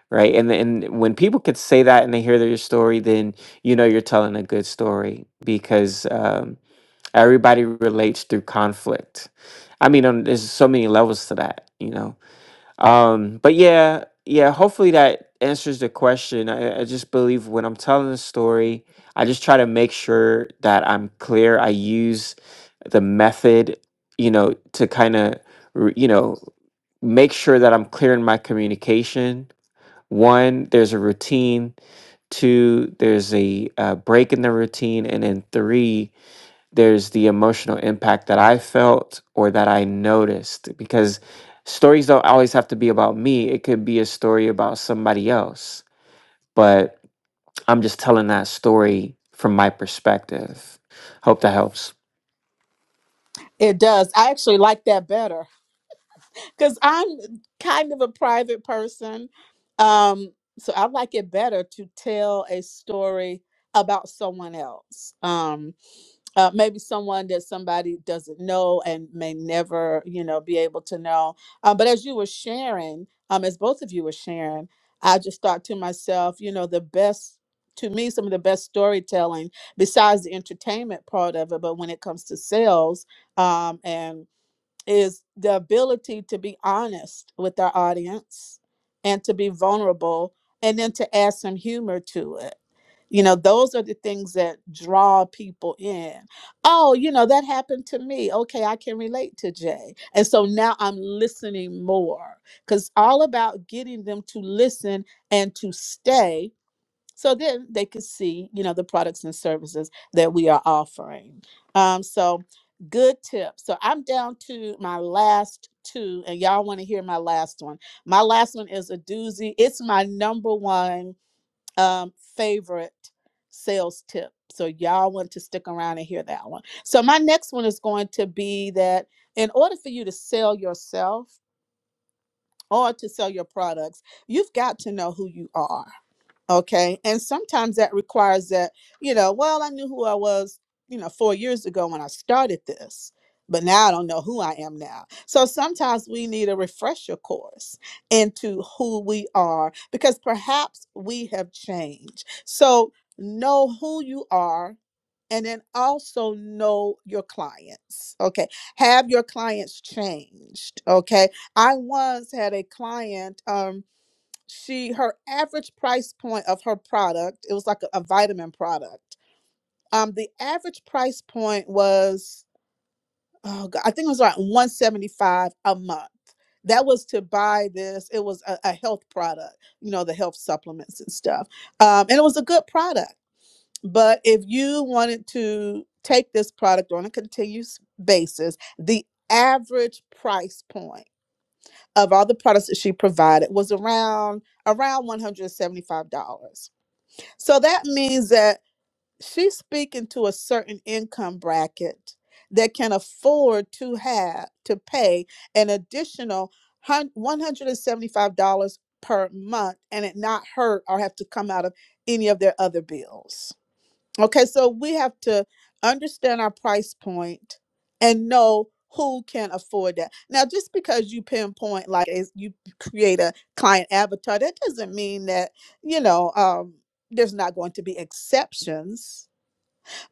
C: right? And and when people could say that and they hear their story, then you know you're telling a good story because um, everybody relates through conflict. I mean, um, there's so many levels to that, you know. Um, but yeah, yeah. Hopefully that answers the question. I, I just believe when I'm telling a story, I just try to make sure that I'm clear. I use the method, you know, to kind of, you know, make sure that I'm clear in my communication one, there's a routine. Two, there's a uh, break in the routine. And then three, there's the emotional impact that I felt or that I noticed because stories don't always have to be about me. It could be a story about somebody else, but I'm just telling that story from my perspective. Hope that helps.
A: It does. I actually like that better because I'm kind of a private person. Um, so I like it better to tell a story about someone else. um, uh, maybe someone that somebody doesn't know and may never, you know, be able to know. Um, but as you were sharing, um, as both of you were sharing, I just thought to myself, you know, the best to me, some of the best storytelling besides the entertainment part of it, but when it comes to sales um, and is the ability to be honest with our audience and to be vulnerable and then to add some humor to it. You know, those are the things that draw people in. Oh, you know, that happened to me. Okay, I can relate to Jay. And so now I'm listening more because all about getting them to listen and to stay so then they could see you know the products and services that we are offering um so good tip so i'm down to my last two and y'all want to hear my last one my last one is a doozy it's my number one um favorite sales tip so y'all want to stick around and hear that one so my next one is going to be that in order for you to sell yourself or to sell your products you've got to know who you are Okay. And sometimes that requires that, you know, well, I knew who I was, you know, four years ago when I started this, but now I don't know who I am now. So sometimes we need a refresher course into who we are because perhaps we have changed. So know who you are and then also know your clients. Okay. Have your clients changed. Okay. I once had a client, um, she her average price point of her product it was like a, a vitamin product um the average price point was oh god i think it was around 175 a month that was to buy this it was a, a health product you know the health supplements and stuff um and it was a good product but if you wanted to take this product on a continuous basis the average price point of all the products that she provided was around around $175. So that means that she's speaking to a certain income bracket that can afford to have to pay an additional hun- $175 per month and it not hurt or have to come out of any of their other bills. Okay, so we have to understand our price point and know who can afford that. Now, just because you pinpoint like is- you create a client avatar, that doesn't mean that you know um, there's not going to be exceptions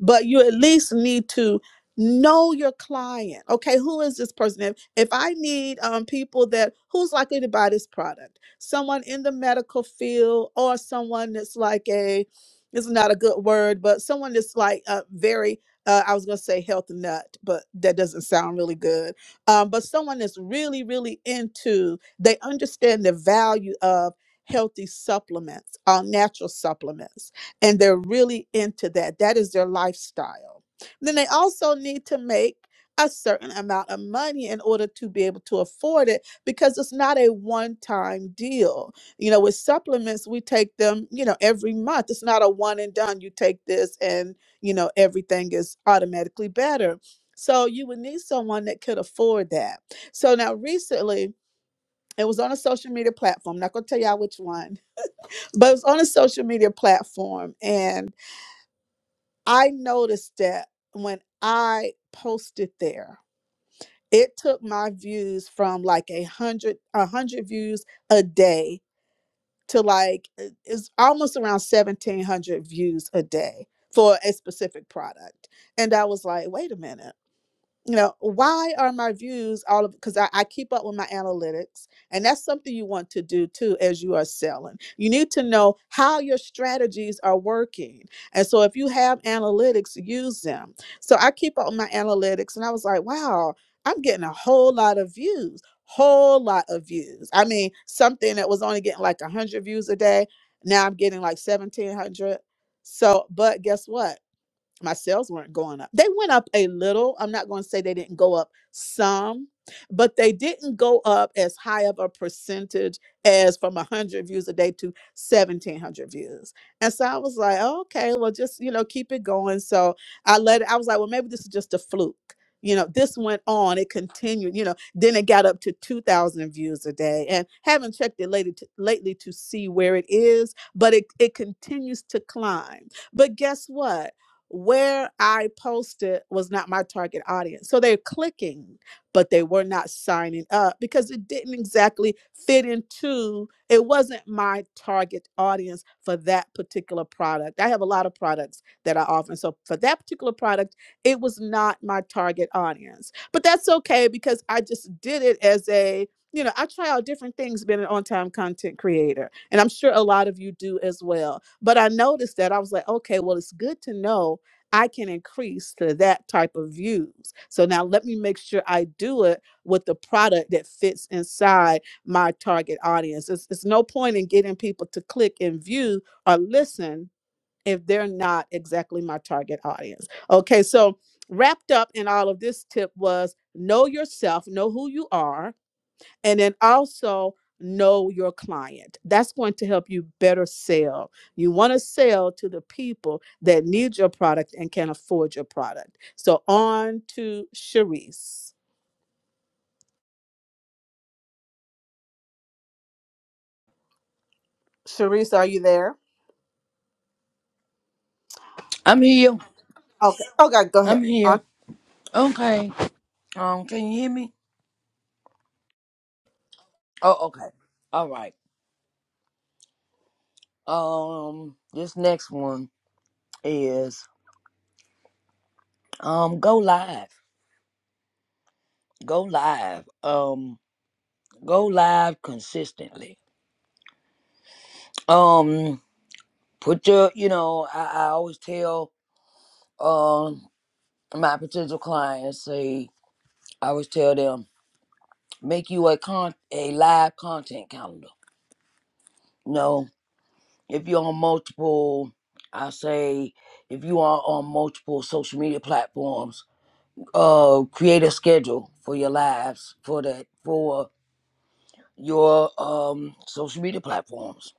A: but you at least need to know your client. Okay, who is this person? If, if I need um, people that who's likely to buy this product, someone in the medical field or someone that's like a this is not a good word, but someone that's like a very uh, I was gonna say health nut, but that doesn't sound really good. Um, but someone that's really, really into they understand the value of healthy supplements, uh, natural supplements and they're really into that. That is their lifestyle. Then they also need to make a certain amount of money in order to be able to afford it because it's not a one time deal. You know, with supplements, we take them, you know, every month. It's not a one and done. You take this and, you know, everything is automatically better. So you would need someone that could afford that. So now recently, it was on a social media platform. I'm not going to tell y'all which one, but it was on a social media platform. And I noticed that when I posted there, it took my views from like a hundred a hundred views a day to like it- it's almost around seventeen hundred views a day for a specific product. And I was like, wait a minute you know why are my views all of because I, I keep up with my analytics and that's something you want to do too as you are selling you need to know how your strategies are working and so if you have analytics use them so i keep up with my analytics and i was like wow i'm getting a whole lot of views whole lot of views i mean something that was only getting like 100 views a day now i'm getting like 1700 so but guess what my sales weren't going up. They went up a little. I'm not going to say they didn't go up some, but they didn't go up as high of a percentage as from 100 views a day to 1700 views. And so I was like, "Oh, okay, well, just, you know, keep it going. So I let it, I was like, well, maybe this is just a fluke. You know, this went on, it continued, you know, then it got up to 2,000 views a day. And haven't checked it lately to, lately to see where it is, but it, it continues to climb. But guess what? where I posted was not my target audience. So they're clicking, but they were not signing up because it didn't exactly fit into, it wasn't my target audience for that particular product. I have a lot of products that I offer. So for that particular product, it was not my target audience. But that's okay because I just did it as a, you know, I try out different things being an on time content creator. And I'm sure a lot of you do as well. But I noticed that I was like, okay, well, it's good to know I can increase to that type of views. So now let me make sure I do it with the product that fits inside my target audience. It's, it's no point in getting people to click and view or listen if they're not exactly my target audience. Okay, so wrapped up in all of this tip was know yourself, know who you are and then also know your client. That's going to help you better sell. You want to sell to the people that need your product and can afford your product. So on to Sharice. Sharice, are you there?
B: i'm here
A: Okay. Okay, go ahead.
B: i'm here
A: On
B: okay um can you hear me oh okay all right Um, this next one is um go live. Go live. Um, go live consistently. Um, put your you know, I, I always tell um my potential clients say I always tell them make you a con a live content calendar. No, if you're on multiple I say if you are on multiple social media platforms, uh create a schedule for your lives for that for your um, social media platforms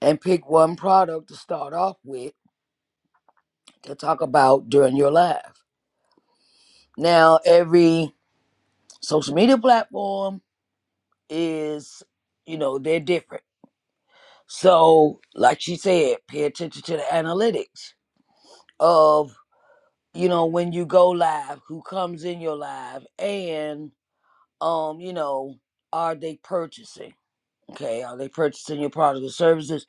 B: and pick one product to start off with to talk about during your live. Now, every social media platform is, you know, they're different. So, like she said, pay attention to the analytics of, you know, when you go live, who comes in your live, and, um, you know, are they purchasing? Okay, are they purchasing your product or services?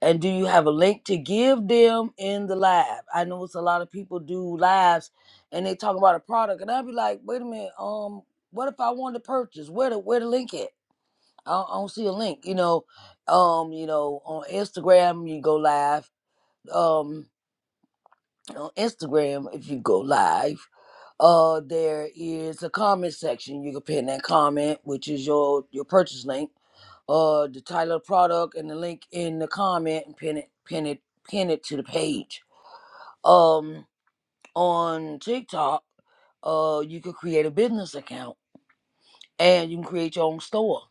B: And do you have a link to give them in the live? I know it's a lot of people do lives and they talk about a product and I'd be like, wait a minute, um, what if I wanted to purchase? Where the where the link at? I don't, I don't see a link, you know. Um, you know, on Instagram you go live. Um on Instagram if you go live, uh there is a comment section. You can pin that comment, which is your your purchase link uh the title of the product and the link in the comment and pin it pin it pin it to the page um on tiktok uh you could create a business account and you can create your own store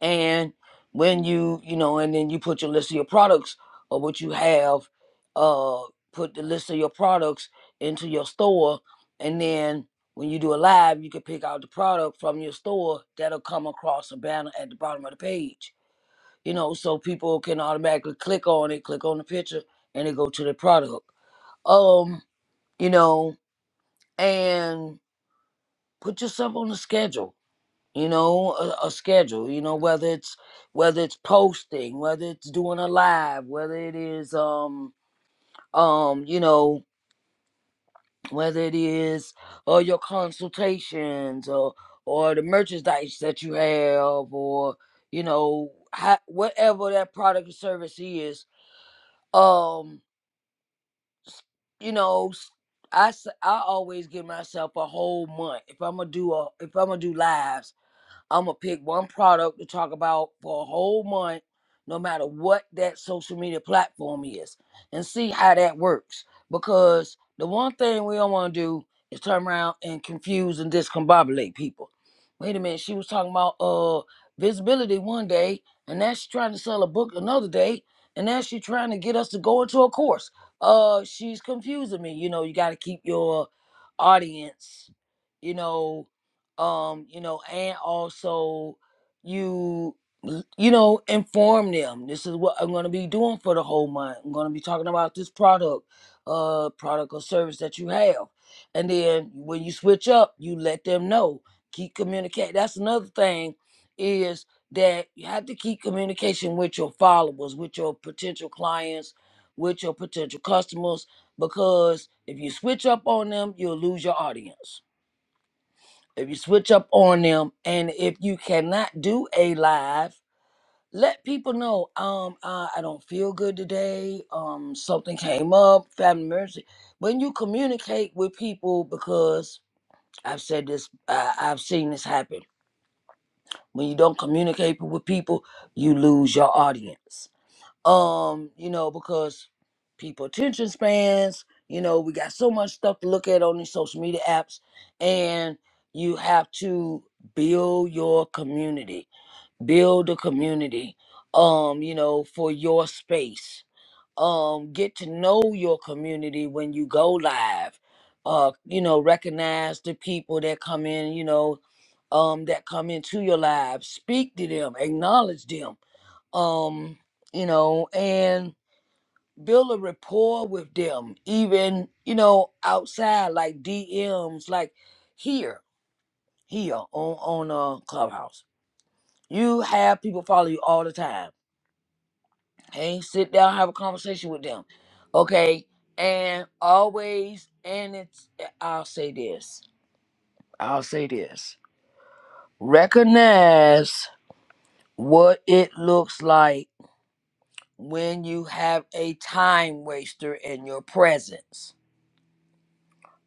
B: and when you you know and then you put your list of your products or what you have uh put the list of your products into your store and then when you do a live you can pick out the product from your store that'll come across a banner at the bottom of the page you know, so people can automatically click on it, click on the picture, and they go to the product. Um, you know, and put yourself on a schedule. You know, a, a schedule. You know, whether it's whether it's posting, whether it's doing a live, whether it is um um you know whether it is or your consultations or or the merchandise that you have or you know ha- whatever that product or service is um you know, s- I, s- I always give myself a whole month if I'm gonna do a, if I'm gonna do lives. I'm gonna pick one product to talk about for a whole month, no matter what that social media platform is, and see how that works. Because the one thing we don't want to do is turn around and confuse and discombobulate people. Wait a minute, she was talking about uh visibility one day, and now she's trying to sell a book another day, and now she's trying to get us to go into a course. Uh, she's confusing me. You know, you got to keep your audience, you know, um you know and also you you know inform them this is what i'm going to be doing for the whole month i'm going to be talking about this product uh product or service that you have and then when you switch up you let them know keep communicating. that's another thing is that you have to keep communication with your followers with your potential clients with your potential customers because if you switch up on them you'll lose your audience if you switch up on them, and if you cannot do a live, let people know. Um, uh, I don't feel good today. Um, something came up, family emergency. When you communicate with people, because I've said this, I, I've seen this happen. When you don't communicate with people, you lose your audience um you know because people attention spans you know we got so much stuff to look at on these social media apps and you have to build your community build a community um you know for your space um get to know your community when you go live uh you know recognize the people that come in you know um that come into your lives speak to them acknowledge them um you know and build a rapport with them, even you know outside like DMs, like here, here on on uh, Clubhouse. You have people follow you all the time. Hey, sit down, have a conversation with them, okay? And always, and it's I'll say this, I'll say this. Recognize what it looks like when you have a time waster in your presence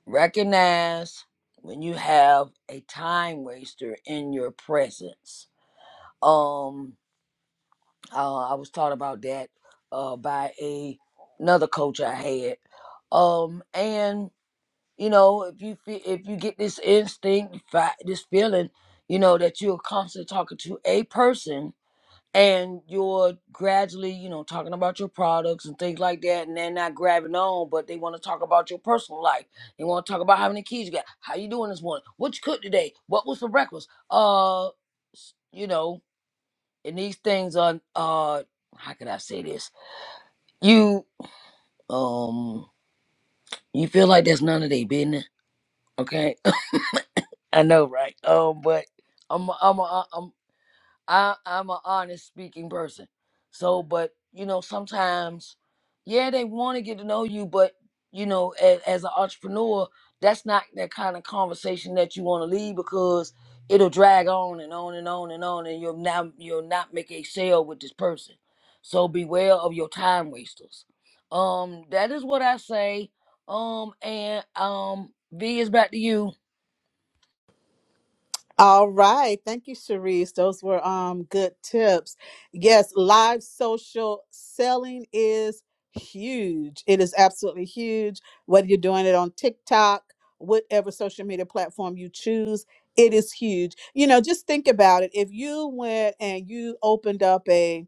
B: recognize when you have a time waster in your presence. Um, uh, I was taught about that uh, by a another coach I had. Um, and you know, if you fe- if you get this instinct, fi- this feeling, you know that you're constantly talking to a person and you're gradually, you know, talking about your products and things like that, and they're not grabbing on, but they want to talk about your personal life. They want to talk about how many kids you got, how you doing this morning, what you cooked today, what was for breakfast. Uh, s- you know, and these things are, uh, how can I say this? You, um, you feel like that's none of their business, okay? I know, right? Um, but I'm, I'm, I'm, I I'm an honest speaking person. So, but you know, sometimes, yeah, they want to get to know you, but you know, as, as an entrepreneur, that's not that kind of conversation that you want to lead because it'll drag on and on and on and on, and you'll not you'll not make a sale with this person. So beware of your time wasters. Um, that is what I say. Um, and um, V is back to you.
A: All right. Thank you, Cherise. Those were um good tips. Yes, live social selling is huge. It is absolutely huge. Whether you're doing it on TikTok, whatever social media platform you choose, it is huge. You know, just think about it. If you went and you opened up a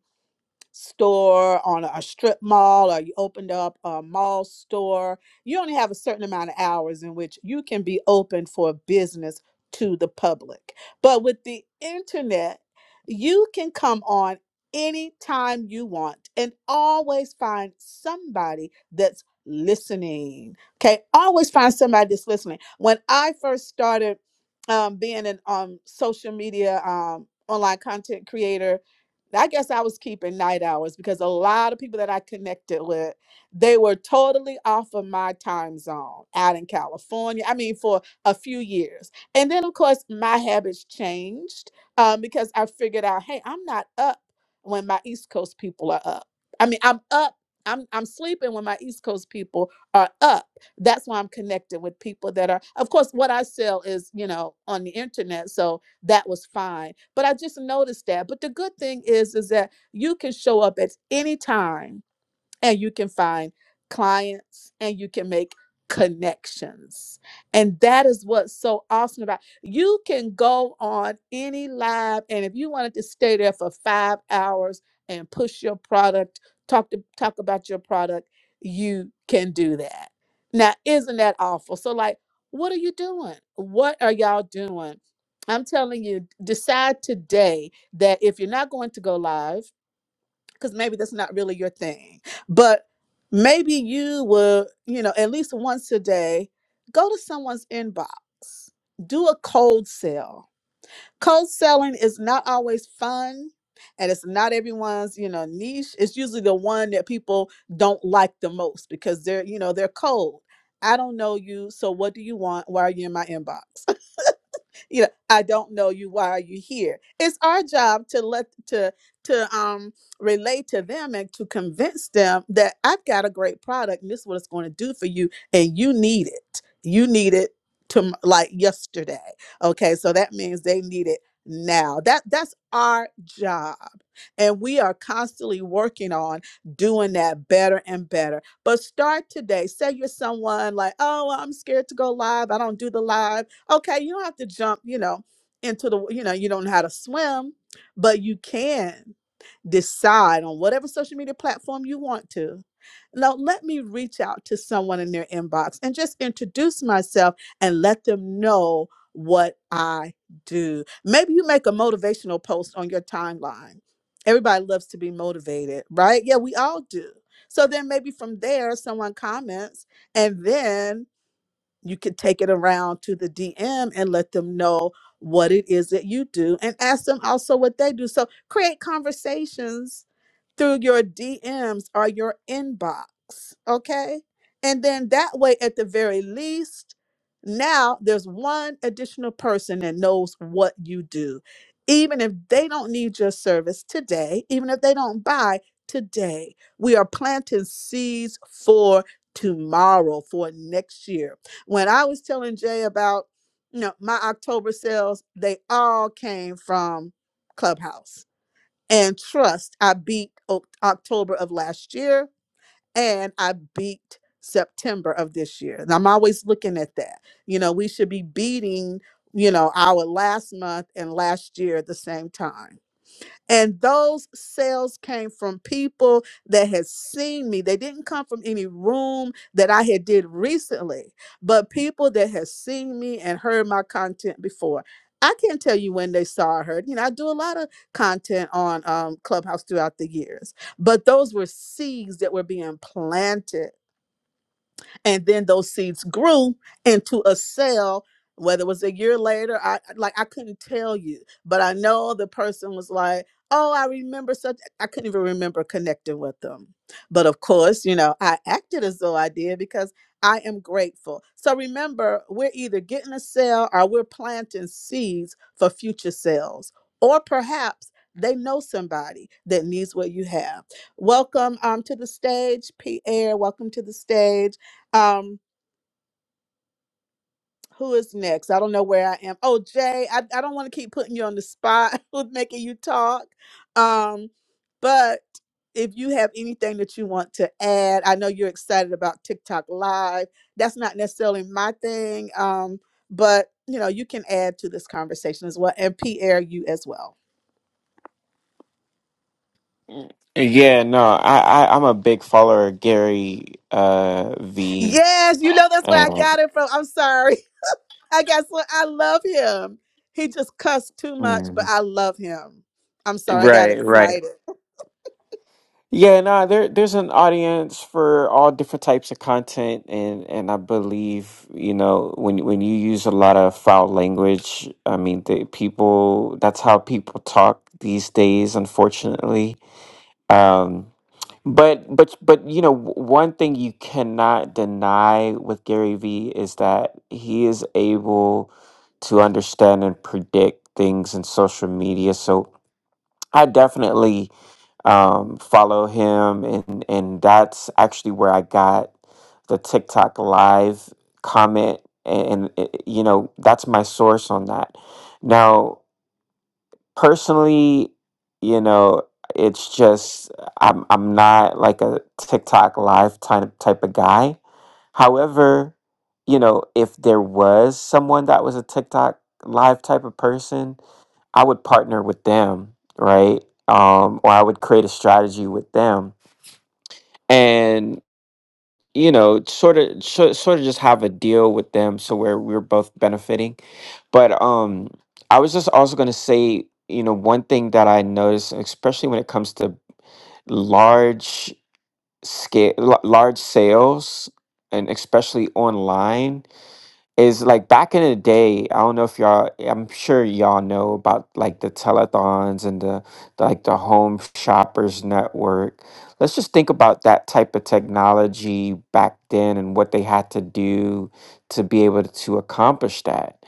A: store on a strip mall or you opened up a mall store you only have a certain amount of hours in which you can be open for business to the public but with the internet you can come on anytime you want and always find somebody that's listening okay always find somebody that's listening when i first started um, being an um, social media um, online content creator I guess I was keeping night hours because a lot of people that I connected with, they were totally off of my time zone out in California. I mean, for a few years. And then, of course, my habits changed um, because I figured out, hey, I'm not up when my East Coast people are up. I mean, I'm up. I'm, I'm sleeping when my East Coast people are up. That's why I'm connected with people that are, of course, what I sell is, you know, on the internet. So that was fine. But I just noticed that. But the good thing is, is that you can show up at any time and you can find clients and you can make connections. And that is what's so awesome about you can go on any live and if you wanted to stay there for 5 hours and push your product, talk to talk about your product, you can do that. Now, isn't that awful? So like, what are you doing? What are y'all doing? I'm telling you, decide today that if you're not going to go live because maybe that's not really your thing. But maybe you will, you know, at least once a day, go to someone's inbox, do a cold sell. Cold selling is not always fun and it's not everyone's, you know, niche. It's usually the one that people don't like the most because they're, you know, they're cold. I don't know you, so what do you want? Why are you in my inbox? you know i don't know you why are you here it's our job to let to to um relate to them and to convince them that i've got a great product and this is what it's going to do for you and you need it you need it to like yesterday okay so that means they need it now that that's our job and we are constantly working on doing that better and better but start today say you're someone like oh well, i'm scared to go live i don't do the live okay, you don't have to jump, you know, into the, you know, you don't know how to swim, but you can decide on whatever social media platform you want to. Now, let me reach out to someone in their inbox and just introduce myself and let them know what I do. Maybe you make a motivational post on your timeline. Everybody loves to be motivated, right? Yeah, we all do. So then maybe from there, someone comments, and then you can take it around to the DM and let them know what it is that you do and ask them also what they do. So create conversations through your DMs or your inbox, okay? And then that way, at the very least, now there's one additional person that knows what you do. Even if they don't need your service today, even if they don't buy today, we are planting seeds for tomorrow, for next year when I was telling Jay about, you know, my October sales, they all came from Clubhouse. And trust, I beat O- October of last year and I beat September of this year. And I'm always looking at that. You know, we should be beating, you know, our last month and last year at the same time and those sales came from people that had seen me. They didn't come from any room that I had did recently, but people that had seen me and heard my content before. I can't tell you when they saw or heard. You know, I do a lot of content on um, Clubhouse throughout the years, but those were seeds that were being planted and then those seeds grew into a cell whether it was a year later i like i couldn't tell you but i know the person was like oh i remember such i couldn't even remember connecting with them but of course you know i acted as though i did because i am grateful so remember we're either getting a cell or we're planting seeds for future cells or perhaps they know somebody that needs what you have welcome um, to the stage pierre welcome to the stage um, who is next? I don't know where I am. Oh, Jay, I, I don't want to keep putting you on the spot with making you talk. Um, but if you have anything that you want to add, I know you're excited about TikTok Live. That's not necessarily my thing. Um, but you know, you can add to this conversation as well. And Pierre, you as well.
C: Yeah, no, I, I I'm a big follower of Gary uh V
A: Yes, you know that's where I
C: and
A: got it from. I'm sorry. I got so I love him. He just cussed too much, but
C: Mhm.
A: I love him. I'm sorry, I got
C: right, right.
A: excited.
C: Yeah, nah, there there's an audience for all different types of content and and I believe, you know, when when you use a lot of foul language, I mean, the people that's how people talk these days, unfortunately. Um but but but you know, w- one thing you cannot deny with Gary Vee is that he is able to understand and predict things in social media. So I definitely um, follow him and and that's actually where I got the TikTok live comment and, and it- you know that's my source on that. Now personally, you know it's just I'm I'm not like a TikTok live type type of guy. However, you know if there was someone that was a TikTok live type of person I would partner with them, right? Um, or I would create a strategy with them, and you know, sort of, so, sort of, just have a deal with them, so where we're both benefiting. But um, I was just also going to say, you know, one thing that I noticed, especially when it comes to large scale, large sales, and especially online is like back in the day, I don't know if y'all, I'm sure y'all know about like the telethons and the, the like the home shoppers network. Let's just think about that type of technology back then and what they had to do to be able to accomplish that.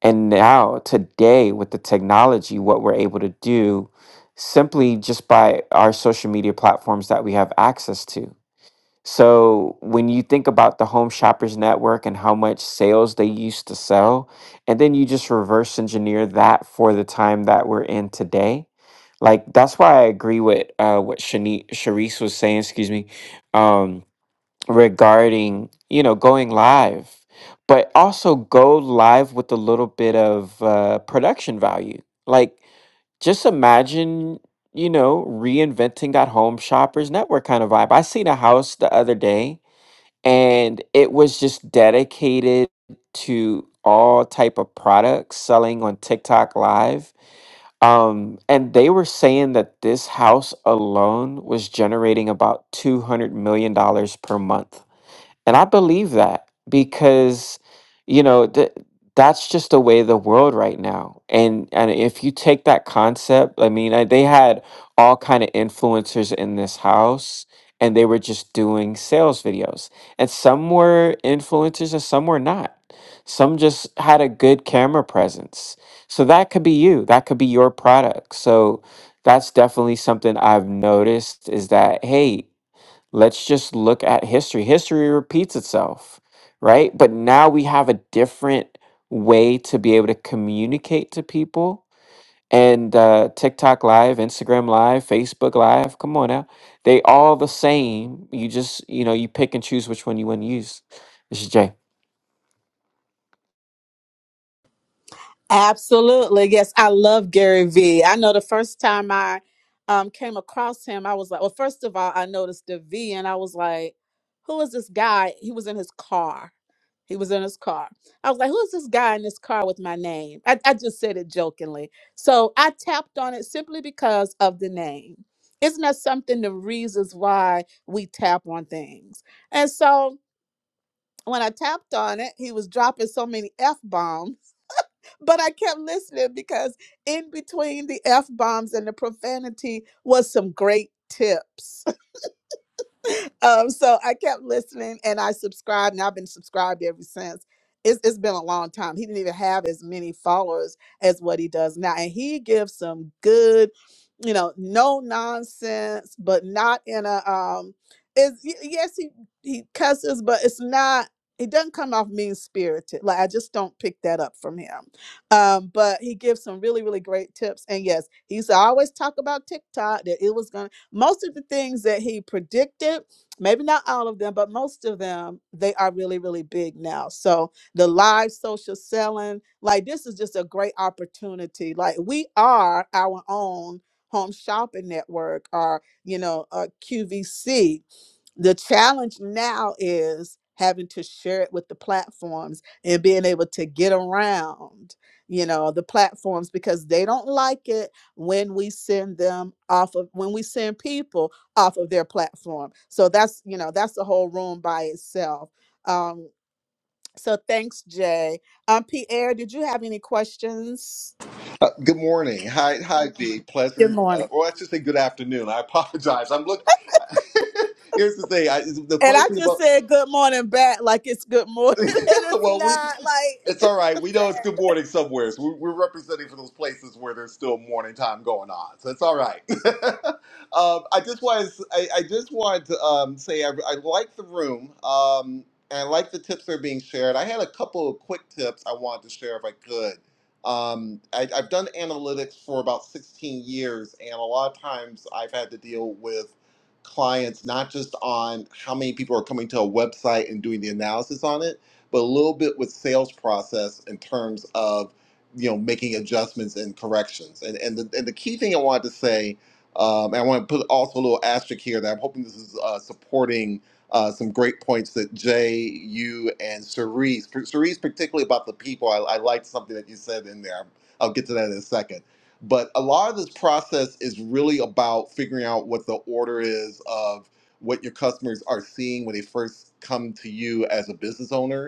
C: And now today with the technology, what we're able to do simply just by our social media platforms that we have access to. So when you think about the Home Shoppers Network and how much sales they used to sell, and then you just reverse engineer that for the time that we're in today, like that's why I agree with uh, what Shani- Sharice was saying, excuse me, um, regarding you know going live, but also go live with a little bit of uh, production value. Like just imagine you know, reinventing that home shoppers network kind of vibe. I seen a house the other day and it was just dedicated to all type of products selling on TikTok live um and they were saying that this house alone was generating about 200 million dollars per month and I believe that because, you know, th- that's just the way the world right now. And and if you take that concept, I mean, I, they had all kind of influencers in this house and they were just doing sales videos. And some were influencers and some were not. Some just had a good camera presence. So that could be you. That could be your product. So that's definitely something I've noticed is that hey, Let's just look at history. History repeats itself, right? But now we have a different way to be able to communicate to people. And uh, TikTok Live, Instagram Live, Facebook Live, come on now. They all the same. You just, you know, you pick and choose which one you want to use. This is Jay.
A: Absolutely. Yes, I love Gary Vee. I know the first time I um, came across him, I was like, well, first of all, I noticed the V and I was like, who is this guy? He was in his car. He was in his car. I was like, who is this guy in this car with my name? I, I just said it jokingly. So I tapped on it simply because of the name. Isn't that something the reasons why we tap on things? And so when I tapped on it, he was dropping so many F bombs but I kept listening because in between the F bombs and the profanity was some great tips um, so I kept listening and I subscribed, and I've been subscribed ever since. It's, it's been a long time. He didn't even have as many followers as what he does now. And he gives some good, you know, no nonsense, but not in a um is yes, he, he cusses, but it's not he doesn't come off mean spirited. Like I just don't pick that up from him. Um, but he gives some really, really great tips. And yes, he used to always talk about TikTok that it was gonna most of the things that he predicted maybe not all of them, but most of them, they are really, really big now. So the live social selling, like this is just a great opportunity. Like we are our own home shopping network or, you know, a QVC the challenge now is having to share it with the platforms and being able to get around you know the platforms because they don't like it when we send them off of when we send people off of their platform so that's you know that's the whole room by itself um so thanks jay um pierre did you have any questions
D: Uh, good morning. Hi, hi, B.
A: Good
D: Pleasure. Uh,
A: morning.
D: well, let's just say good afternoon. I apologize. I'm look. Here's the thing. I, the
A: And
D: funny
A: I
D: thing
A: just
D: about
A: said good morning back like it's good morning. And it's
D: well, we
A: not like
D: it's
A: it's
D: all right.
A: just
D: We know it's good
A: bad.
D: morning somewhere. So we- we're representing for those places where there's still morning time going on. So it's all right. um, I just want I, I just wanted to um, say I, I like the room um, and I like the tips that are being shared. I had a couple of quick tips I wanted to share if I could. Um, I, I've done analytics for about 16 years, and a lot of times I've had to deal with clients not just on how many people are coming to a website and doing the analysis on it but a little bit with sales process in terms of you know making adjustments and corrections. And and the and the key thing I wanted to say, um, and I want to put also a little asterisk here that I'm hoping this is uh, supporting. Uh, some great points that Jay, you, and Cerise, Cerise particularly about the people. I, I liked something that you said in there. I'll get to that in a second. But a lot of this process is really about figuring out what the order is of what your customers are seeing when they first come to you as a business owner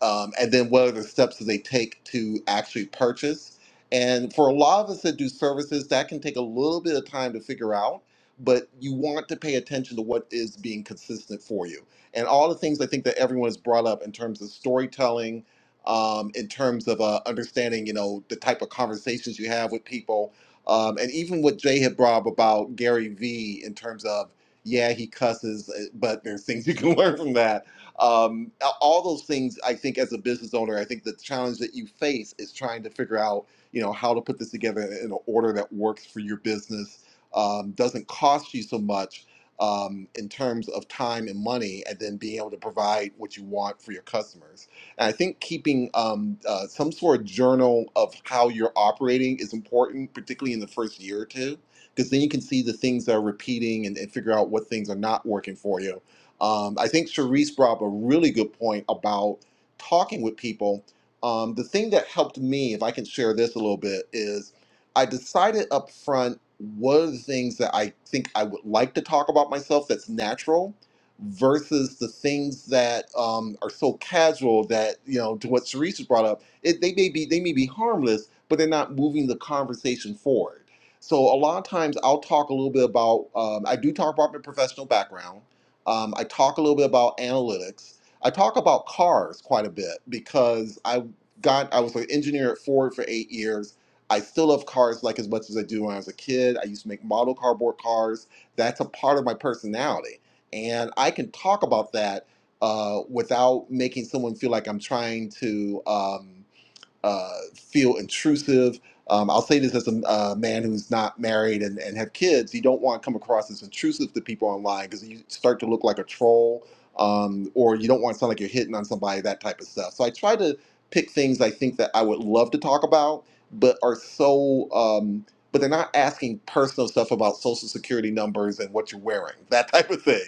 D: um, and then what are the steps that they take to actually purchase. And for a lot of us that do services, that can take a little bit of time to figure out, but you want to pay attention to what is being consistent for you. And all the things I think that everyone has brought up in terms of storytelling, um, in terms of uh, understanding, you know, the type of conversations you have with people, um, and even what Jay had brought up about Gary Vee in terms of, yeah, he cusses, uh, but there's things you can learn from that um, all those things i think as a business owner i think the challenge that you face is trying to figure out you know how to put this together in an order that works for your business um, doesn't cost you so much um, in terms of time and money and then being able to provide what you want for your customers and i think keeping um, uh, some sort of journal of how you're operating is important particularly in the first year or two because then you can see the things that are repeating and, and figure out what things are not working for you um, I think Cherise brought up a really good point about talking with people. Um, the thing that helped me, if I can share this a little bit, is I decided up front what are the things that I think I would like to talk about myself that's natural versus the things that um, are so casual that, you know, to what Cherise has brought up, it, they may be they may be harmless, but they're not moving the conversation forward. So a lot of times I'll talk a little bit about um, I do talk about my professional background um, I talk a little bit about analytics. I talk about cars quite a bit because I got I was an engineer at Ford for eight years. I still love cars like as much as I do when I was a kid. I used to make model cardboard cars. That's a part of my personality, and I can talk about that uh, without making someone feel like I'm trying to. Um, uh, feel intrusive. Um, I'll say this as a uh, man who's not married and, and have kids. You don't want to come across as intrusive to people online because you start to look like a troll, um, or you don't want to sound like you're hitting on somebody, that type of stuff. So I try to pick things I think that I would love to talk about, but are so, um, but they're not asking personal stuff about social security numbers and what you're wearing, that type of thing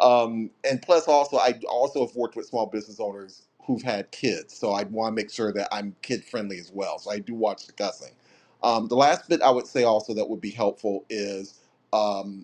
D: um, and plus also I also have worked with small business owners who've had kids, so I want to make sure that I'm kid friendly as well. So I do watch the cussing. Um, the last bit I would say also that would be helpful is. um,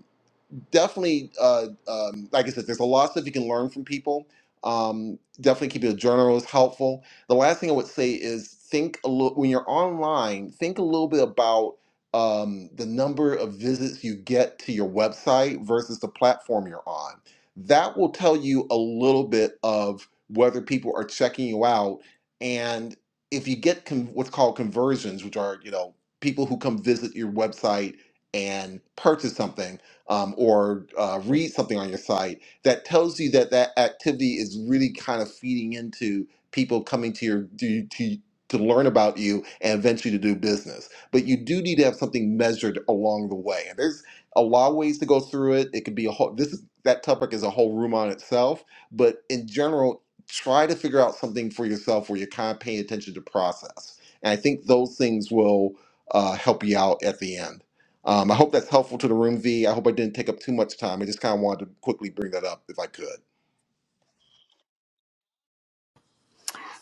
D: definitely, uh, um, like I said, there's a lot of stuff you can learn from people. Um, definitely keeping a journal is helpful. The last thing I would say is think a little when you're online. Think a little bit about um, the number of visits you get to your website versus the platform you're on. That will tell you a little bit of whether people are checking you out. And if you get con- what's called conversions, which are you know people who come visit your website and purchase something um, or uh, read something on your site that tells you that that activity is really kind of feeding into people coming to your to, to to learn about you and eventually to do business. But you do need to have something measured along the way. And there's a lot of ways to go through it. It could be a whole this is that topic is a whole room on itself. But in general, try to figure out something for yourself where you're kind of paying attention to process. And I think those things will uh, help you out at the end. Um, I hope that's helpful to the room, V. I hope I didn't take up too much time. I just kind of wanted to quickly bring that up if I could.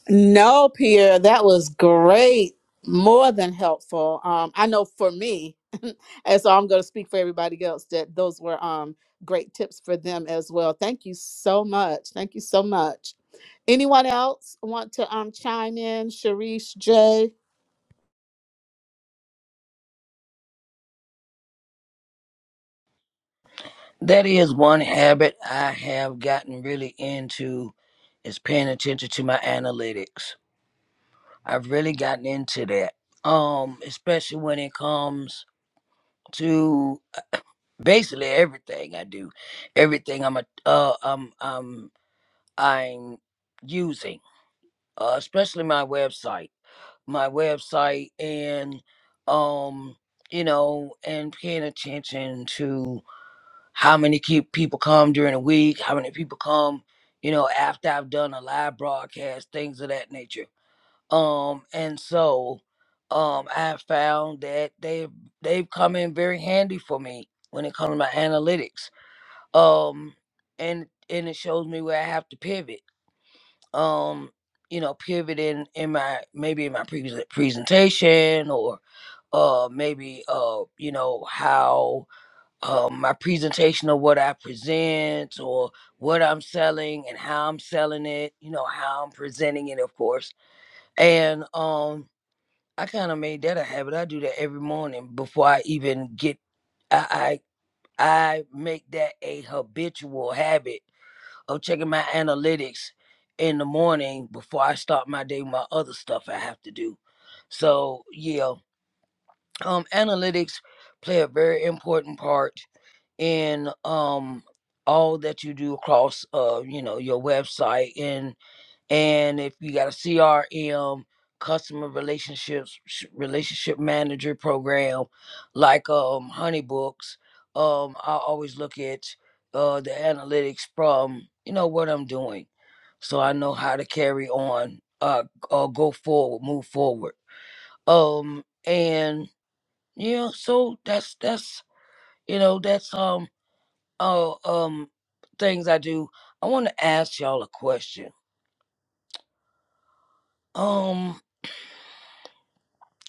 A: No, Pierre, that was great. More than helpful. Um, I know for me, and so I'm going to speak for everybody else that those were um, great tips for them as well. Thank you so much. Thank you so much. Anyone else want to um, chime in? Sharice, Jay?
B: That is one habit I have gotten really into is paying attention to my analytics. I've really gotten into that. Um, especially when it comes to basically everything I do, everything I'm a, uh, um, um, I'm using, uh, especially my website, my website, and um, you know, and paying attention to. how many keep people come during the week, how many people come, you know, after I've done a live broadcast, things of that nature. Um, and so um I have found that they've they've come in very handy for me when it comes to my analytics. Um and and it shows me where I have to pivot. Um, you know, pivot in in my maybe in my pre- presentation or uh maybe uh you know how um, my presentation of what I present or what I'm selling and how I'm selling it, you know, how I'm presenting it, of course. And um, I kind of made that a habit. I do that every morning before I even get, I, I, I make that a habitual habit of checking my analytics in the morning before I start my day, with my other stuff I have to do. So, yeah, um, analytics play a very important part in um all that you do across uh you know your website and and if you got a crm customer relationships sh- relationship manager program like um honeybooks um i always look at uh the analytics from you know what i'm doing so i know how to carry on uh, uh go forward move forward um and yeah so that's that's you know that's um. Oh, um, things I do. I want to ask y'all a question. Um,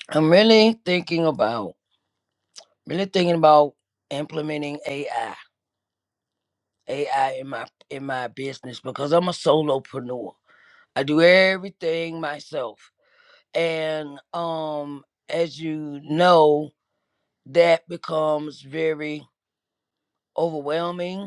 B: I'm really thinking about, really thinking about implementing AI, AI in my in my business because I'm a solopreneur. I do everything myself, and um, as you know, that becomes very overwhelming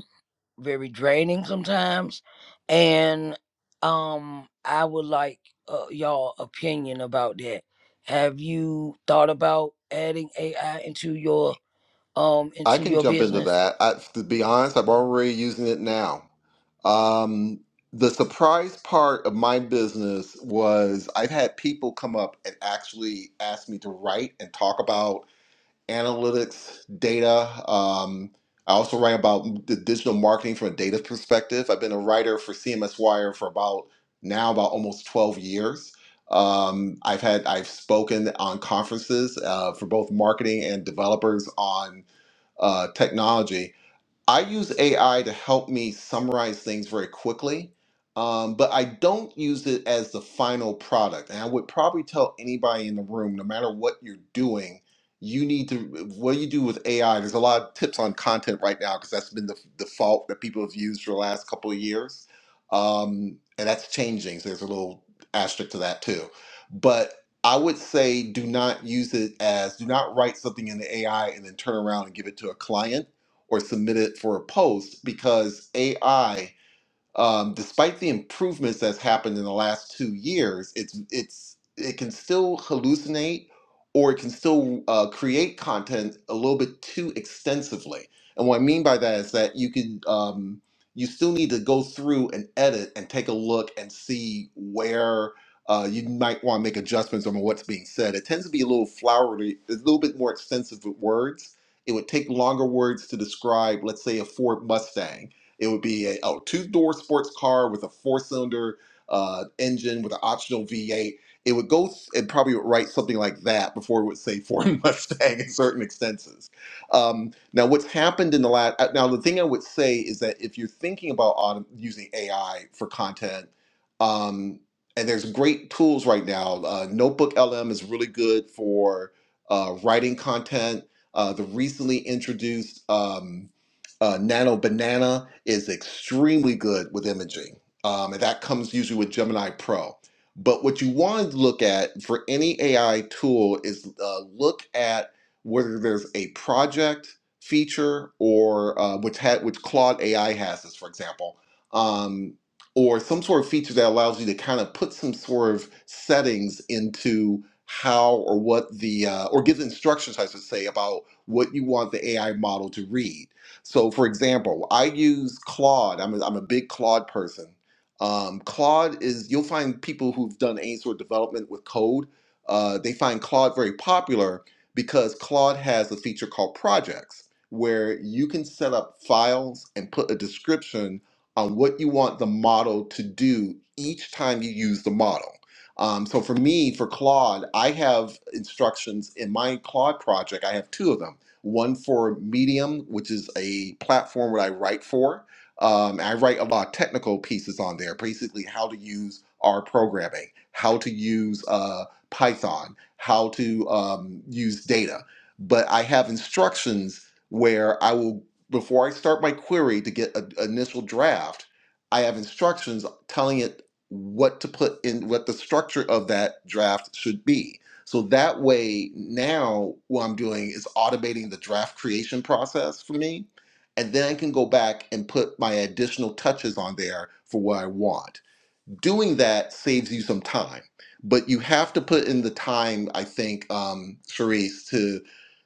B: very draining sometimes and um i would like uh, y'all opinion about that have you thought about adding ai into your um
D: I
B: into
D: can
B: your
D: jump into
B: business
D: that. I, to be honest, I'm already using it now. Um, the surprise part of my business was I've had people come up and actually ask me to write and talk about analytics, data. Um, I also write about the digital marketing from a data perspective. I've been a writer for CMS Wire for about now about almost 12 years. Um, I've had I've spoken on conferences uh, for both marketing and developers on uh, technology, I use AI to help me summarize things very quickly, um, but I don't use it as the final product. And I would probably tell anybody in the room, no matter what you're doing, you need to, what you do with AI, there's a lot of tips on content right now because that's been the f- default that people have used for the last couple of years. Um, and that's changing. So there's a little asterisk to that too. But I would say do not use it as, do not write something in the AI and then turn around and give it to a client or submit it for a post because AI um, despite the improvements that's happened in the last two years, it's it's it can still hallucinate or it can still uh, create content a little bit too extensively. And what I mean by that is that you can um, you still need to go through and edit and take a look and see where. Uh, you might want to make adjustments on what's being said. It tends to be a little flowery, a little bit more extensive with words. It would take longer words to describe, let's say, a Ford Mustang it would be a 2 door sports car with a four cylinder uh, engine with an optional V8. It would go s- and probably would write something like that before it would say Ford Mustang in certain instances. Um, now, what's happened in the last now the thing I would say is that if you're thinking about autom- using AI for content, um, and there's great tools right now. Uh, Notebook LM is really good for uh, writing content. Uh, the recently introduced um, uh, Nano Banana is extremely good with imaging, um, and that comes usually with Gemini Pro. But what you want to look at for any AI tool is uh, look at whether there's a project feature or uh, which had which Claude AI has as for example, um, or some sort of feature that allows you to kind of put some sort of settings into how or what the uh, or give instructions, I should say, about what you want the AI model to read so, for example, I use Claude. I'm a, I'm a big Claude person. Um, Claude is, you'll find people who've done any sort of development with code, uh, they find Claude very popular because Claude has a feature called projects where you can set up files and put a description on what you want the model to do each time you use the model. Um, so for me, for Claude, I have instructions in my Claude project. I have two of them one for Medium, which is a platform that I write for. Um, I write a lot of technical pieces on there, basically how to use R programming, how to use uh, Python, how to um, use data. But I have instructions where I will, before I start my query to get an initial draft, I have instructions telling it what to put in, what the structure of that draft should be so that way, now what I'm doing is automating the draft creation process for me. And then I can go back and put my additional touches on there for what I want doing that saves you some time but you have to put in the time i think um Charisse, to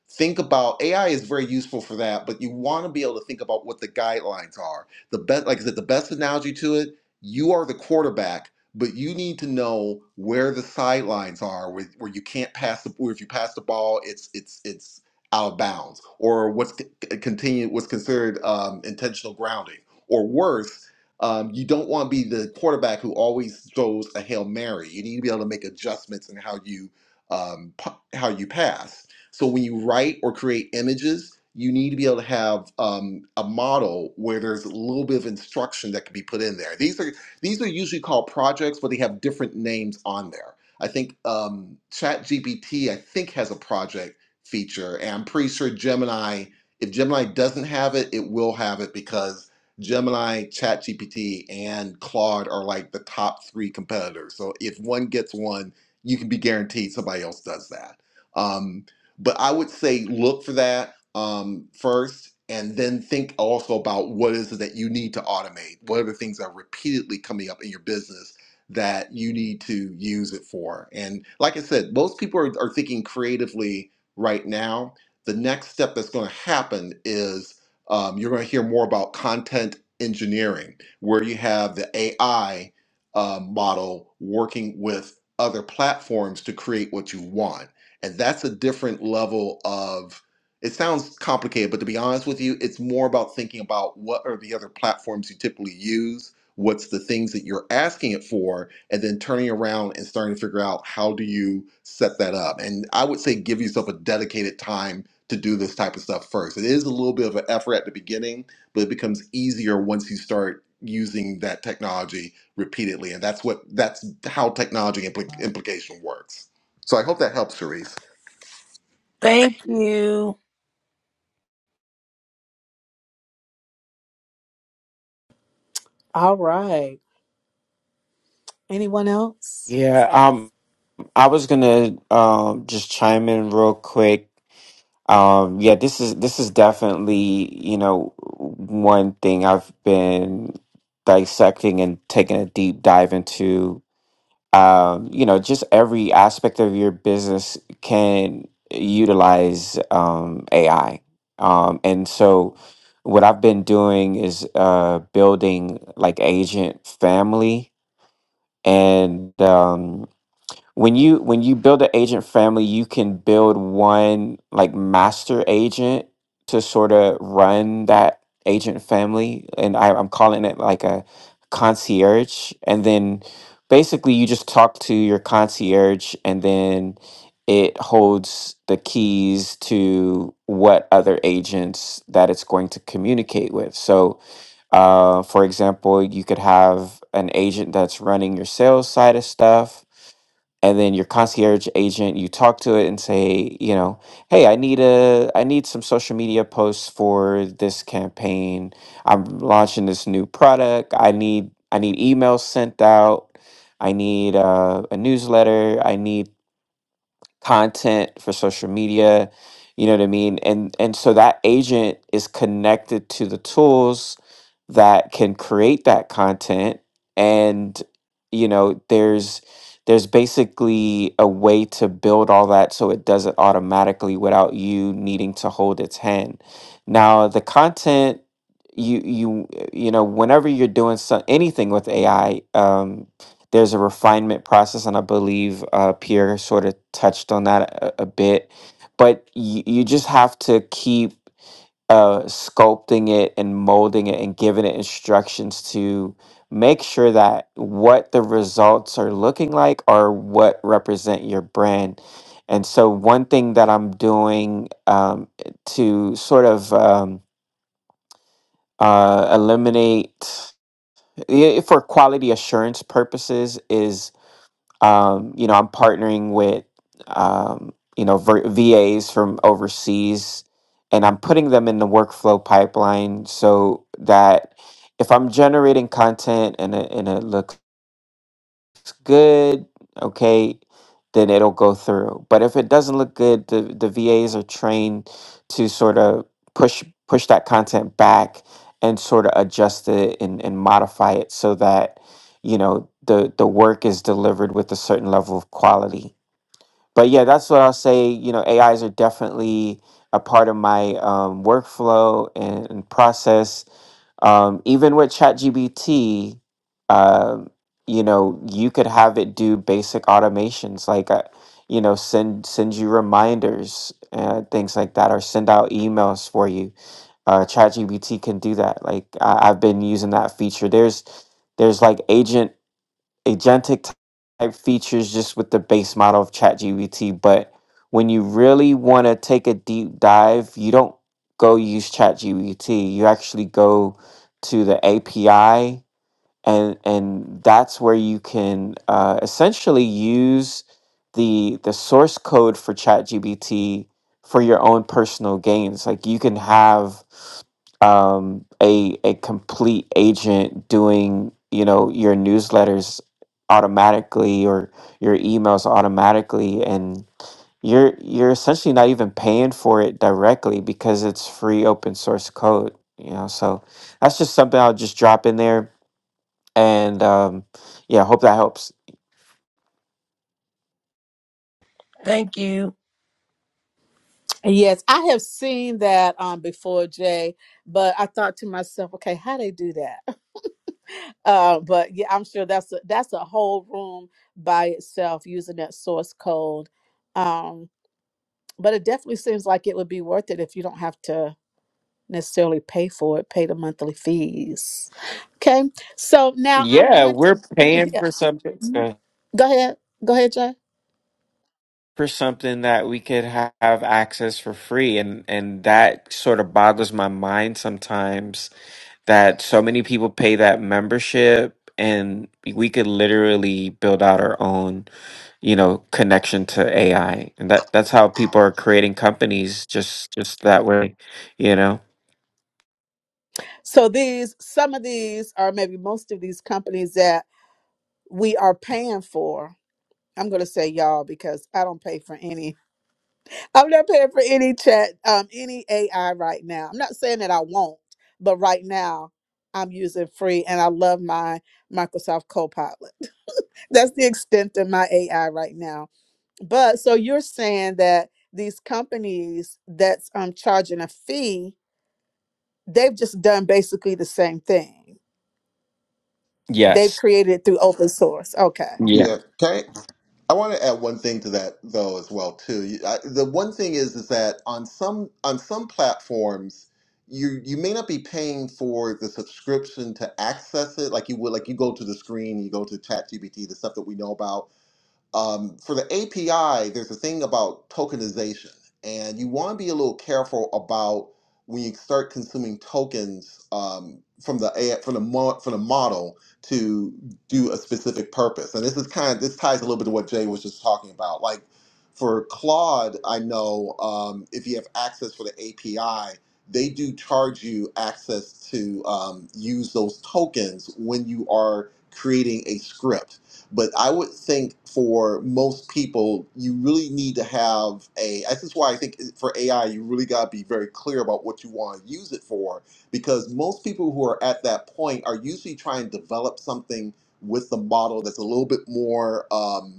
D: think about ai is very useful for that but you want to be able to think about what the guidelines are the best like i said the best analogy to it you are the quarterback but you need to know where the sidelines are where, where you can't pass the where if you pass the ball it's it's it's out of bounds or what's c- c- continued what's considered um, intentional grounding or worse um, you don't want to be the quarterback who always throws a hail mary. You need to be able to make adjustments in how you um, how you pass. So when you write or create images, you need to be able to have um, a model where there's a little bit of instruction that can be put in there. These are these are usually called projects, but they have different names on there. I think um, ChatGPT I think has a project feature, and I'm pretty sure Gemini. If Gemini doesn't have it, it will have it because Gemini, ChatGPT, and Claude are like the top three competitors. So if one gets one, you can be guaranteed somebody else does that. Um, but I would say look for that um, first, and then think also about what is it that you need to automate. What are the things that are repeatedly coming up in your business that you need to use it for? And like I said, most people are, are thinking creatively right now. The next step that's going to happen is um, you're going to hear more about content engineering, where you have the AI uh, model working with other platforms to create what you want. And that's a different level of, it sounds complicated, but to be honest with you, it's more about thinking about what are the other platforms you typically use, what's the things that you're asking it for, and then turning around and starting to figure out how do you set that up. And I would say give yourself a dedicated time to do this type of stuff first. It is a little bit of an effort at the beginning, but it becomes easier once you start using that technology repeatedly. And that's what that's how technology impl- implication works. So I hope that helps, Therese.
B: thank you
A: All right. Anyone else?
C: Yeah, um, I was gonna um just chime in real quick Um, yeah, this is this is definitely, you know, one thing I've been dissecting and taking a deep dive into. Um, you know, just every aspect of your business can utilize um, AI. Um, and so what I've been doing is uh, building like agent family and um, when you when you build an agent family you can build one like master agent to sort of run that agent family and I, i'm calling it like a concierge and then basically you just talk to your concierge and then it holds the keys to what other agents that it's going to communicate with so uh, for example, you could have an agent that's running your sales side of stuff, and then your concierge agent, you talk to it and say, you know, hey, I need a, I need some social media posts for this campaign. I'm launching this new product. I need, I need emails sent out. I need uh, a newsletter. I need content for social media you know what i mean and and so that agent is connected to the tools that can create that content and you know there's there's basically a way to build all that so it does it automatically without you needing to hold its hand now the content you you you know whenever you're doing so, anything with ai there's a refinement process, and I believe uh, Pierre sort of touched on that a, a bit. But you, you just have to keep uh, sculpting it and molding it and giving it instructions to make sure that what the results are looking like are what represent your brand. And so, one thing that I'm doing um, to sort of um, uh, eliminate yeah, for quality assurance purposes is um, you know, I'm partnering with, um, you know, ver- VAs from overseas, and I'm putting them in the workflow pipeline so that if I'm generating content and it, and it looks good, okay, then it'll go through. But if it doesn't look good, the, the VAs are trained to sort of push push that content back and sort of adjust it and, and modify it so that you know the the work is delivered with a certain level of quality. But yeah, that's what I'll say. You know, AIs are definitely a part of my um, workflow and, and process um, even with ChatGPT, um, you know, you could have it do basic automations like, uh, you know, send send you reminders and things like that, or send out emails for you. Uh, ChatGPT can do that. Like I, I've been using that feature. There's there's like agent agentic type features just with the base model of ChatGPT. But when you really want to take a deep dive, you don't go use ChatGPT. You actually go to the API and and that's where you can uh, essentially use the the source code for ChatGPT for your own personal gains. Like you can have um, a a complete agent doing you know your newsletters automatically or your emails automatically and you're you're essentially not even paying for it directly because it's free open source code you know so that's just something i'll just drop in there and um, yeah, hope that helps.
B: thank you
A: Yes, I have seen that um, before, Jay, but I thought to myself, okay, how they do that? Uh, but yeah, I'm sure that's a, that's a whole room by itself using that source code. Um, but it definitely seems like it would be worth it if you don't have to necessarily pay for it, pay the monthly fees. Okay, so now I'm
C: Yeah,
A: going to
C: we're paying
A: yeah.
C: for something
A: Mhm.
C: uh,
A: Go ahead, go ahead, Jay.
C: for something that we could ha- have access for free, and and that sort of boggles my mind sometimes that so many people pay that membership. And we could literally build out our own, you know, connection to AI, and that that's how people are creating companies just just that way, you know.
A: So these, some of these, or maybe most of these companies that we are paying for. I'm going to say y'all because I don't pay for any I'm not paying for any chat, um, any AI right now. I'm not saying that I won't, but right now I'm using free and I love my Microsoft Copilot. That's the extent of my AI right now. But so you're saying that these companies that's um charging a fee, they've just done basically the same thing. They've
C: Yes.
A: created it through open source. Okay.
D: Yeah, can I, I want to add one thing to that though as well too. You- I, the one thing is is that on some on some platforms, you you may not be paying for the subscription to access it like you would like you go to the screen, you go to ChatGPT, the stuff that we know about Um, for the API, there's a thing about tokenization, and you want to be a little careful about when you start consuming tokens um, from the from the mo- from the model to do a specific purpose. And this is kind of this ties a little bit to what Jay was just talking about. Like for Claude, I know um, if you have access for the API, they do charge you access to um, use those tokens when you are creating a script. But I would think for most people, you really need to have a. This is why I think for AI, you really got to be very clear about what you want to use it for, because most people who are at that point are usually trying to develop something with the model that's a little bit more. Um,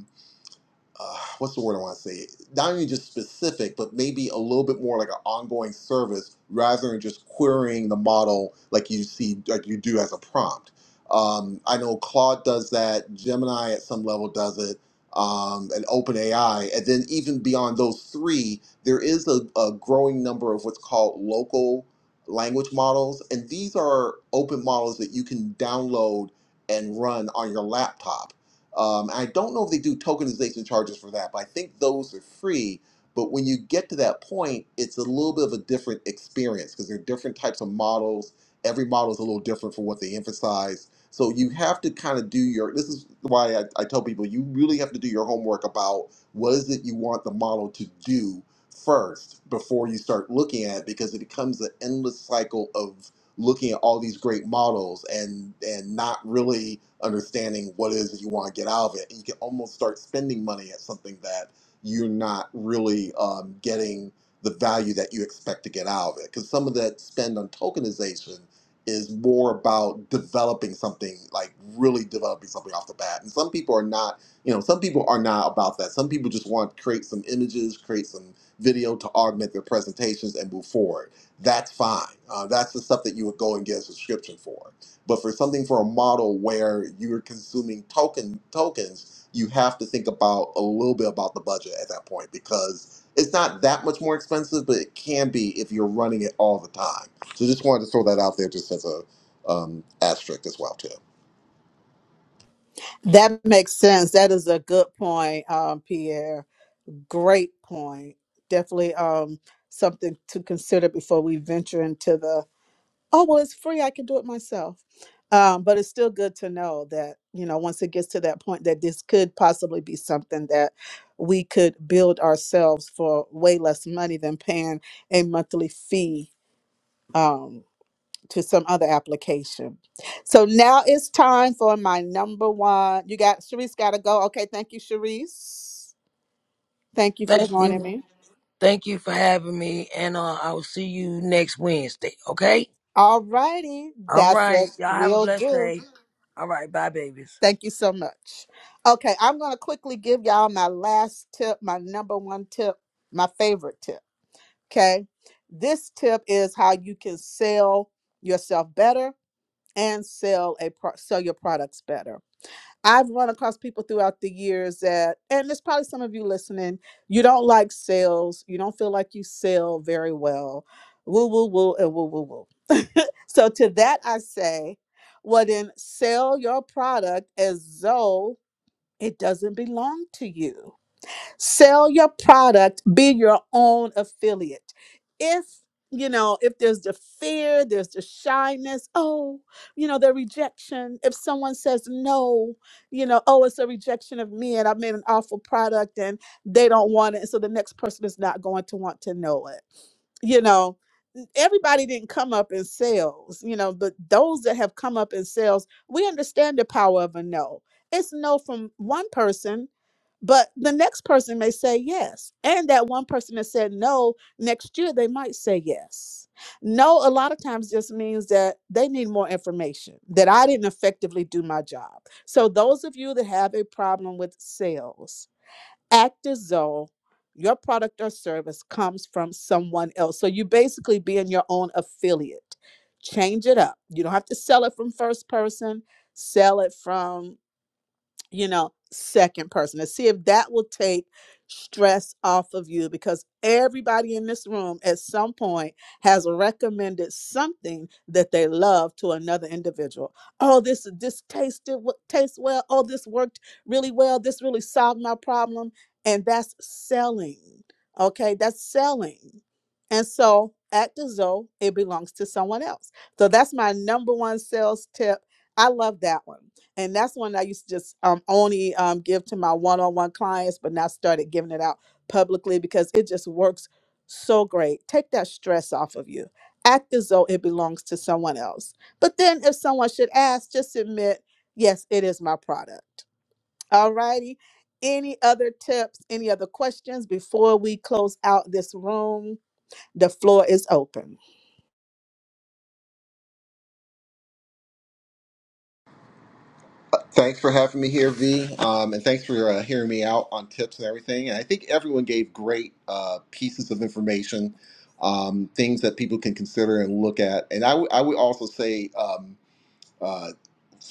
D: uh, what's the word I want to say? Not only just specific, but maybe a little bit more like an ongoing service rather than just querying the model like you see, like you do as a prompt. Um, I know Claude does that, Gemini at some level does it, um, and OpenAI. And then even beyond those three, there is a, a growing number of what's called local language models. And these are open models that you can download and run on your laptop um, I don't know if they do tokenization charges for that, but I think those are free. But when you get to that point, it's a little bit of a different experience because there are different types of models. Every model is a little different for what they emphasize. So you have to kind of do your. This is why I, I tell people you really have to do your homework about what is it you want the model to do first before you start looking at it because it becomes an endless cycle of looking at all these great models and and not really understanding what it is that you want to get out of it. And you can almost start spending money at something that you're not really um, getting the value that you expect to get out of it. Because some of that spend on tokenization is more about developing something, like really developing something off the bat. And some people are not, you know, some people are not about that. Some people just want to create some images, create some video to augment their presentations and move forward that's fine. Uh, that's the stuff that you would go and get a subscription for. But for something for a model where you're consuming token tokens, you have to think about a little bit about the budget at that point because it's not that much more expensive, but it can be if you're running it all the time. So just wanted to throw that out there, just as a um, asterisk as well too.
A: That makes sense. That is a good point, um, Pierre. Great point. Definitely um, something to consider before we venture into the, oh, well, it's free. I can do it myself. Um, but it's still good to know that, you know, once it gets to that point, that this could possibly be something that we could build ourselves for way less money than paying a monthly fee. Um, to some other application. So now it's time for my number one. You got Sharice gotta go. Okay, thank you, Sharice. Thank you for
B: thank
A: joining
B: you
A: me.
B: thank you for having me and uh, i will see you next wednesday okay
A: All righty.
B: all
A: That's a
B: right y'all have a
A: will
B: blessed
A: do.
B: day all right bye babies
A: Thank you so much. Okay, I'm gonna quickly give y'all my last tip, my number one tip, my favorite tip. Okay. This tip is how you can sell yourself better and sell a pro- sell your products better I've run across people throughout the years that, and there's probably some of you listening, you don't like sales, you don't feel like you sell very well, woo, woo, woo, and woo, woo, woo. So to that, I say, well, then sell your product as though it doesn't belong to you Sell your product, be your own affiliate. If you know, if there's the fear, there's the shyness, oh, you know, the rejection. If someone says no, you know, oh, it's a rejection of me and I made an awful product and they don't want it. And so the next person is not going to want to know it. You know, n- everybody didn't come up in sales, you know, but those that have come up in sales, we understand the power of a no. It's no from one person, but the next person may say yes. And that one person that said no, next year they might say yes. No, a lot of times just means that they need more information, that I didn't effectively do my job. So, those of you that have a problem with sales, act as though your product or service comes from someone else. So, you basically being your own affiliate. Change it up. You don't have to sell it from first person, sell it from you know, second person to see if that will take stress off of you because everybody in this room at some point has recommended something that they love to another individual. Oh, this this tasted w- tastes well. Oh, this worked really well. This really solved my problem, and that's selling. Okay, that's selling, and so act as though it belongs to someone else. So that's my number one sales tip. I love that one and that's one that I used to just um, only um, give to my one-on-one clients, but now started giving it out publicly because it just works so great. Take that stress off of you. Act as though it belongs to someone else. But then, if someone should ask, just admit, yes, it is my product. All righty. Any other tips? Any other questions before we close out this room? The floor is open.
D: Thanks for having me here, V, um, and thanks for uh, hearing me out on tips and everything. And I think everyone gave great uh, pieces of information, um, things that people can consider and look at. And I would I would also say. Um, uh,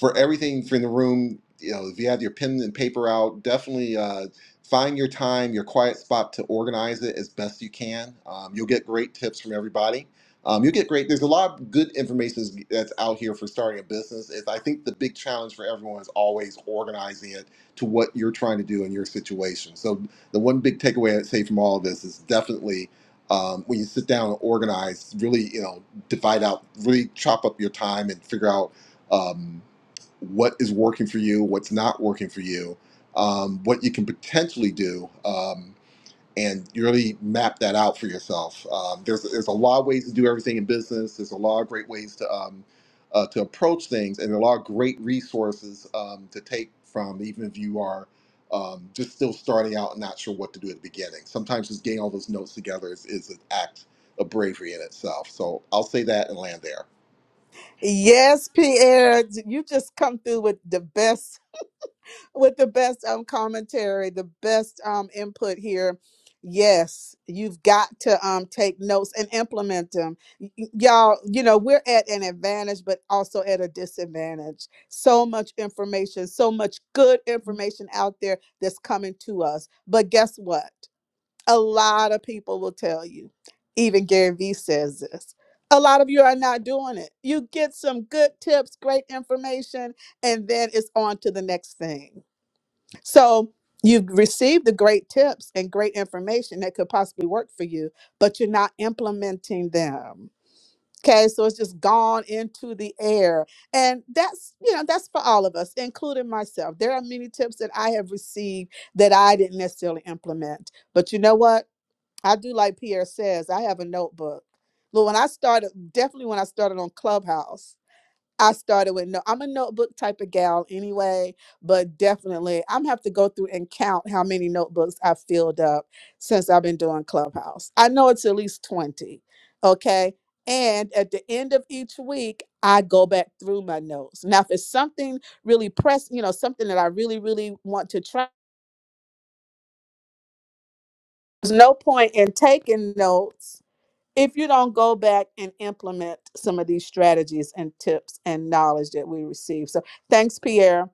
D: for everything from the room you know if you have your pen and paper out definitely uh, find your time your quiet spot to organize it as best you can um, you'll get great tips from everybody um, you'll get great there's a lot of good information that's out here for starting a business is i think the big challenge for everyone is always organizing it to what you're trying to do in your situation so the one big takeaway i'd say from all of this is definitely um, when you sit down and organize really you know divide out really chop up your time and figure out um, what is working for you, what's not working for you, um, what you can potentially do, um, and you really map that out for yourself. Um, there's there's a lot of ways to do everything in business. There's a lot of great ways to um, uh, to approach things, and a lot of great resources um, to take from, even if you are um, just still starting out and not sure what to do at the beginning. Sometimes just getting all those notes together is, is an act of bravery in itself. So I'll say that and land there.
A: Yes, Pierre, you just come through with the best with the best um commentary, the best um input here. Yes, you've got to um take notes and implement them. Y- y- Y'all, you know, we're at an advantage but also at a disadvantage. So much information, so much good information out there that's coming to us. But guess what? A lot of people will tell you. Even Gary Vee says this. A lot of you are not doing it. You get some good tips, great information, and then it's on to the next thing so you've received the great tips and great information that could possibly work for you, but you're not implementing them. Okay, so it's just gone into the air. And that's, you know, that's for all of us, including myself. There are many tips that I have received that I didn't necessarily implement. But you know what? I do like Pierre says, I have a notebook. But when I started, definitely when I started on Clubhouse, I started with no. I'm a notebook type of gal anyway, but definitely I'm have to go through and count how many notebooks I've filled up since I've been doing Clubhouse. I know it's at least 20. Okay. And at the end of each week, I go back through my notes. Now, if it's something really press, you know, something that I really, really want to try, there's no point in taking notes if you don't go back and implement some of these strategies and tips and knowledge that we receive. So thanks, Pierre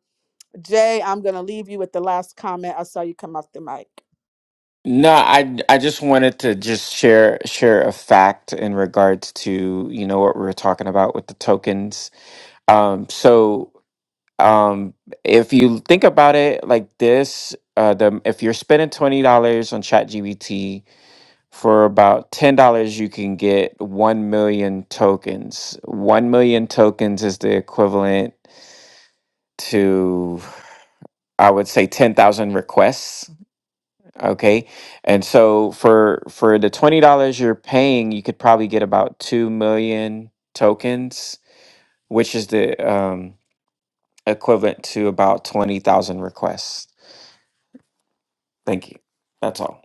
A: Jay, I'm going to leave you with the last comment. I saw you come off the mic.
C: No, I I just wanted to just share share a fact in regards to, you know, what we were talking about with the tokens. Um, so um if you think about it like this, uh the if you're spending twenty dollars on ChatGPT for about ten dollars you can get one million tokens. One million tokens is the equivalent to I would say ten thousand requests. Okay. And so for for the $20 you're paying, you could probably get about 2 million tokens, which is the um equivalent to about 20,000 requests. Thank you. That's all.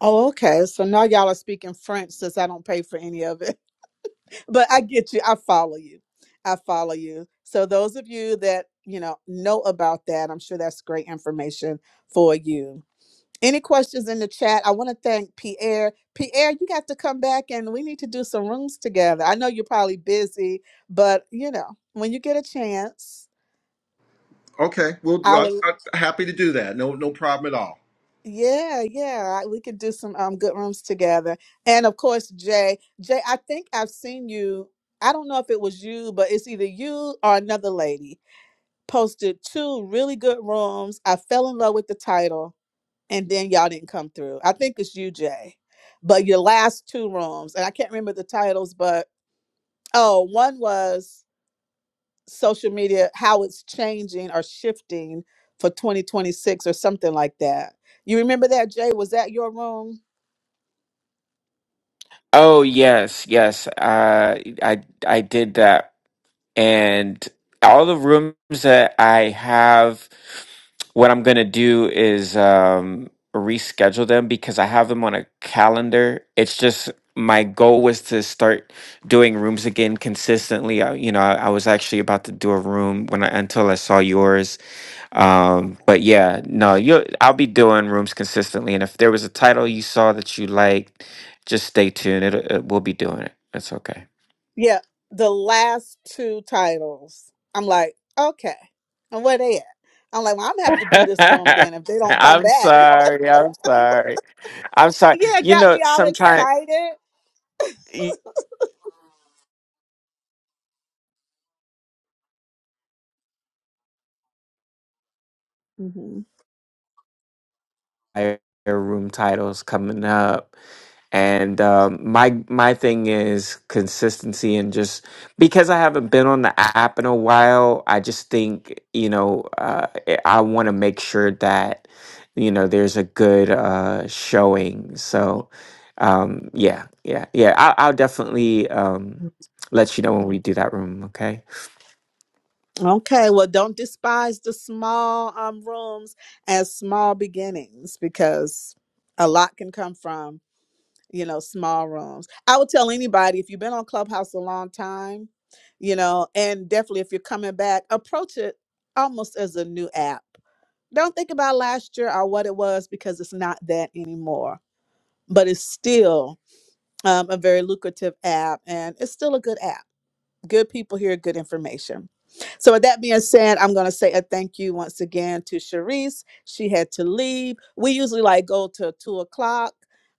A: Oh, okay. So now y'all are speaking French since I don't pay for any of it. But I get you. I follow you. I follow you. So those of you that, you know, know about that, I'm sure that's great information for you. Any questions in the chat? I want to thank Pierre. Pierre, you got to come back and we need to do some rooms together. I know you're probably busy, but you know, when you get a chance,
D: Okay, we'll do.
A: I
D: I,
A: would
D: I, happy to do that. No, no problem at all.
A: Yeah, yeah, I- we could do some um good rooms together. And of course, Jay, Jay, I think I've seen you. I don't know if it was you, but it's either you or another lady posted two really good rooms. I fell in love with the title, and then y'all didn't come through. I think it's you, Jay. But your last two rooms, and I can't remember the titles, but oh, one was social media, how it's changing or shifting for 2026 or something like that. You remember that, Jay? Was that your room?
C: Oh yes, yes. Uh, I I did that and all the rooms that I have, what I'm gonna do is um, reschedule them because I have them on a calendar. It's just my goal was to start doing rooms again consistently. I, you know, I, I was actually about to do a room when I until I saw yours. Um,
A: Okay.
C: but yeah, no, you I'll be doing rooms consistently, and if there was a title you saw that you liked, just stay tuned. It, it we'll be doing it. It's okay.
A: Yeah, the last two titles. I'm like, okay, and where they at? I'm like, well, I'm gonna have to do this room then if they don't come
C: I'm
A: back.
C: sorry. I'm sorry. I'm sorry.
A: yeah, it
C: You
A: got
C: know,
A: me all
C: sometimes
A: excited. hmm
C: room titles coming up, and um, my my thing is consistency and just because I haven't been on the app in a while, I just think you know uh, I want to make sure that you know there's a good uh, showing. So um, yeah, yeah, yeah. I, I'll definitely um, let you know when we do that room. Okay.
A: Okay, well, don't despise the small um, rooms as small beginnings because a lot can come from, you know, small rooms. I would tell anybody if you've been on Clubhouse a long time, you know, and definitely if you're coming back, approach it almost as a new app. Don't think about last year or what it was because it's not that anymore, but it's still um, a very lucrative app and it's still a good app good people here, good information. So, with that being said, I'm going to say a thank you once again to Sharice. She had to leave. We usually like go to two o'clock.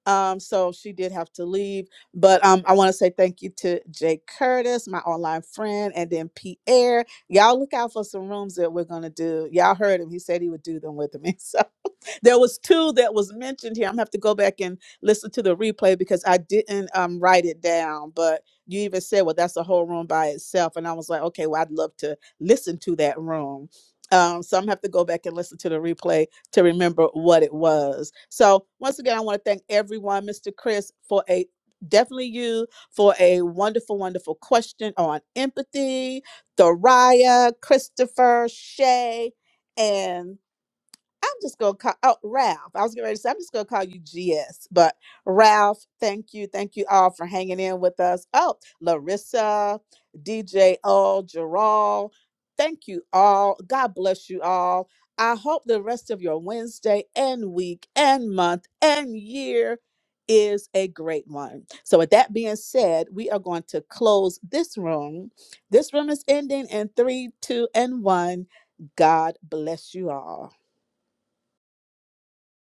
A: Um, so she did have to leave, but um, I want to say thank you to Jay Curtis, my online friend, and then Pierre. Y'all look out for some rooms that we're gonna do. Y'all heard him; he said he would do them with me. So there was two that was mentioned here. I'm gonna have to go back and listen to the replay because I didn't um, write it down. But you even said, well, that's a whole room by itself, and I was like, okay, well, I'd love to listen to that room. Um, so I'm gonna have to go back and listen to the replay to remember what it was. So once again, I want to thank everyone, Mr. Chris, for a definitely you for a wonderful, wonderful question on empathy. Thoriah, Christopher, Shay, and I'm just gonna call oh Ralph. I was getting ready to say I'm just gonna call you GS, but Ralph, thank you, thank you all for hanging in with us. Oh, Larissa, DJ L, Gerald, thank you all. God bless you all. I hope the rest of your Wednesday and week and month and year is a great one. So with that being said, we are going to close this room. This room is ending in three, two, and one. God bless you all.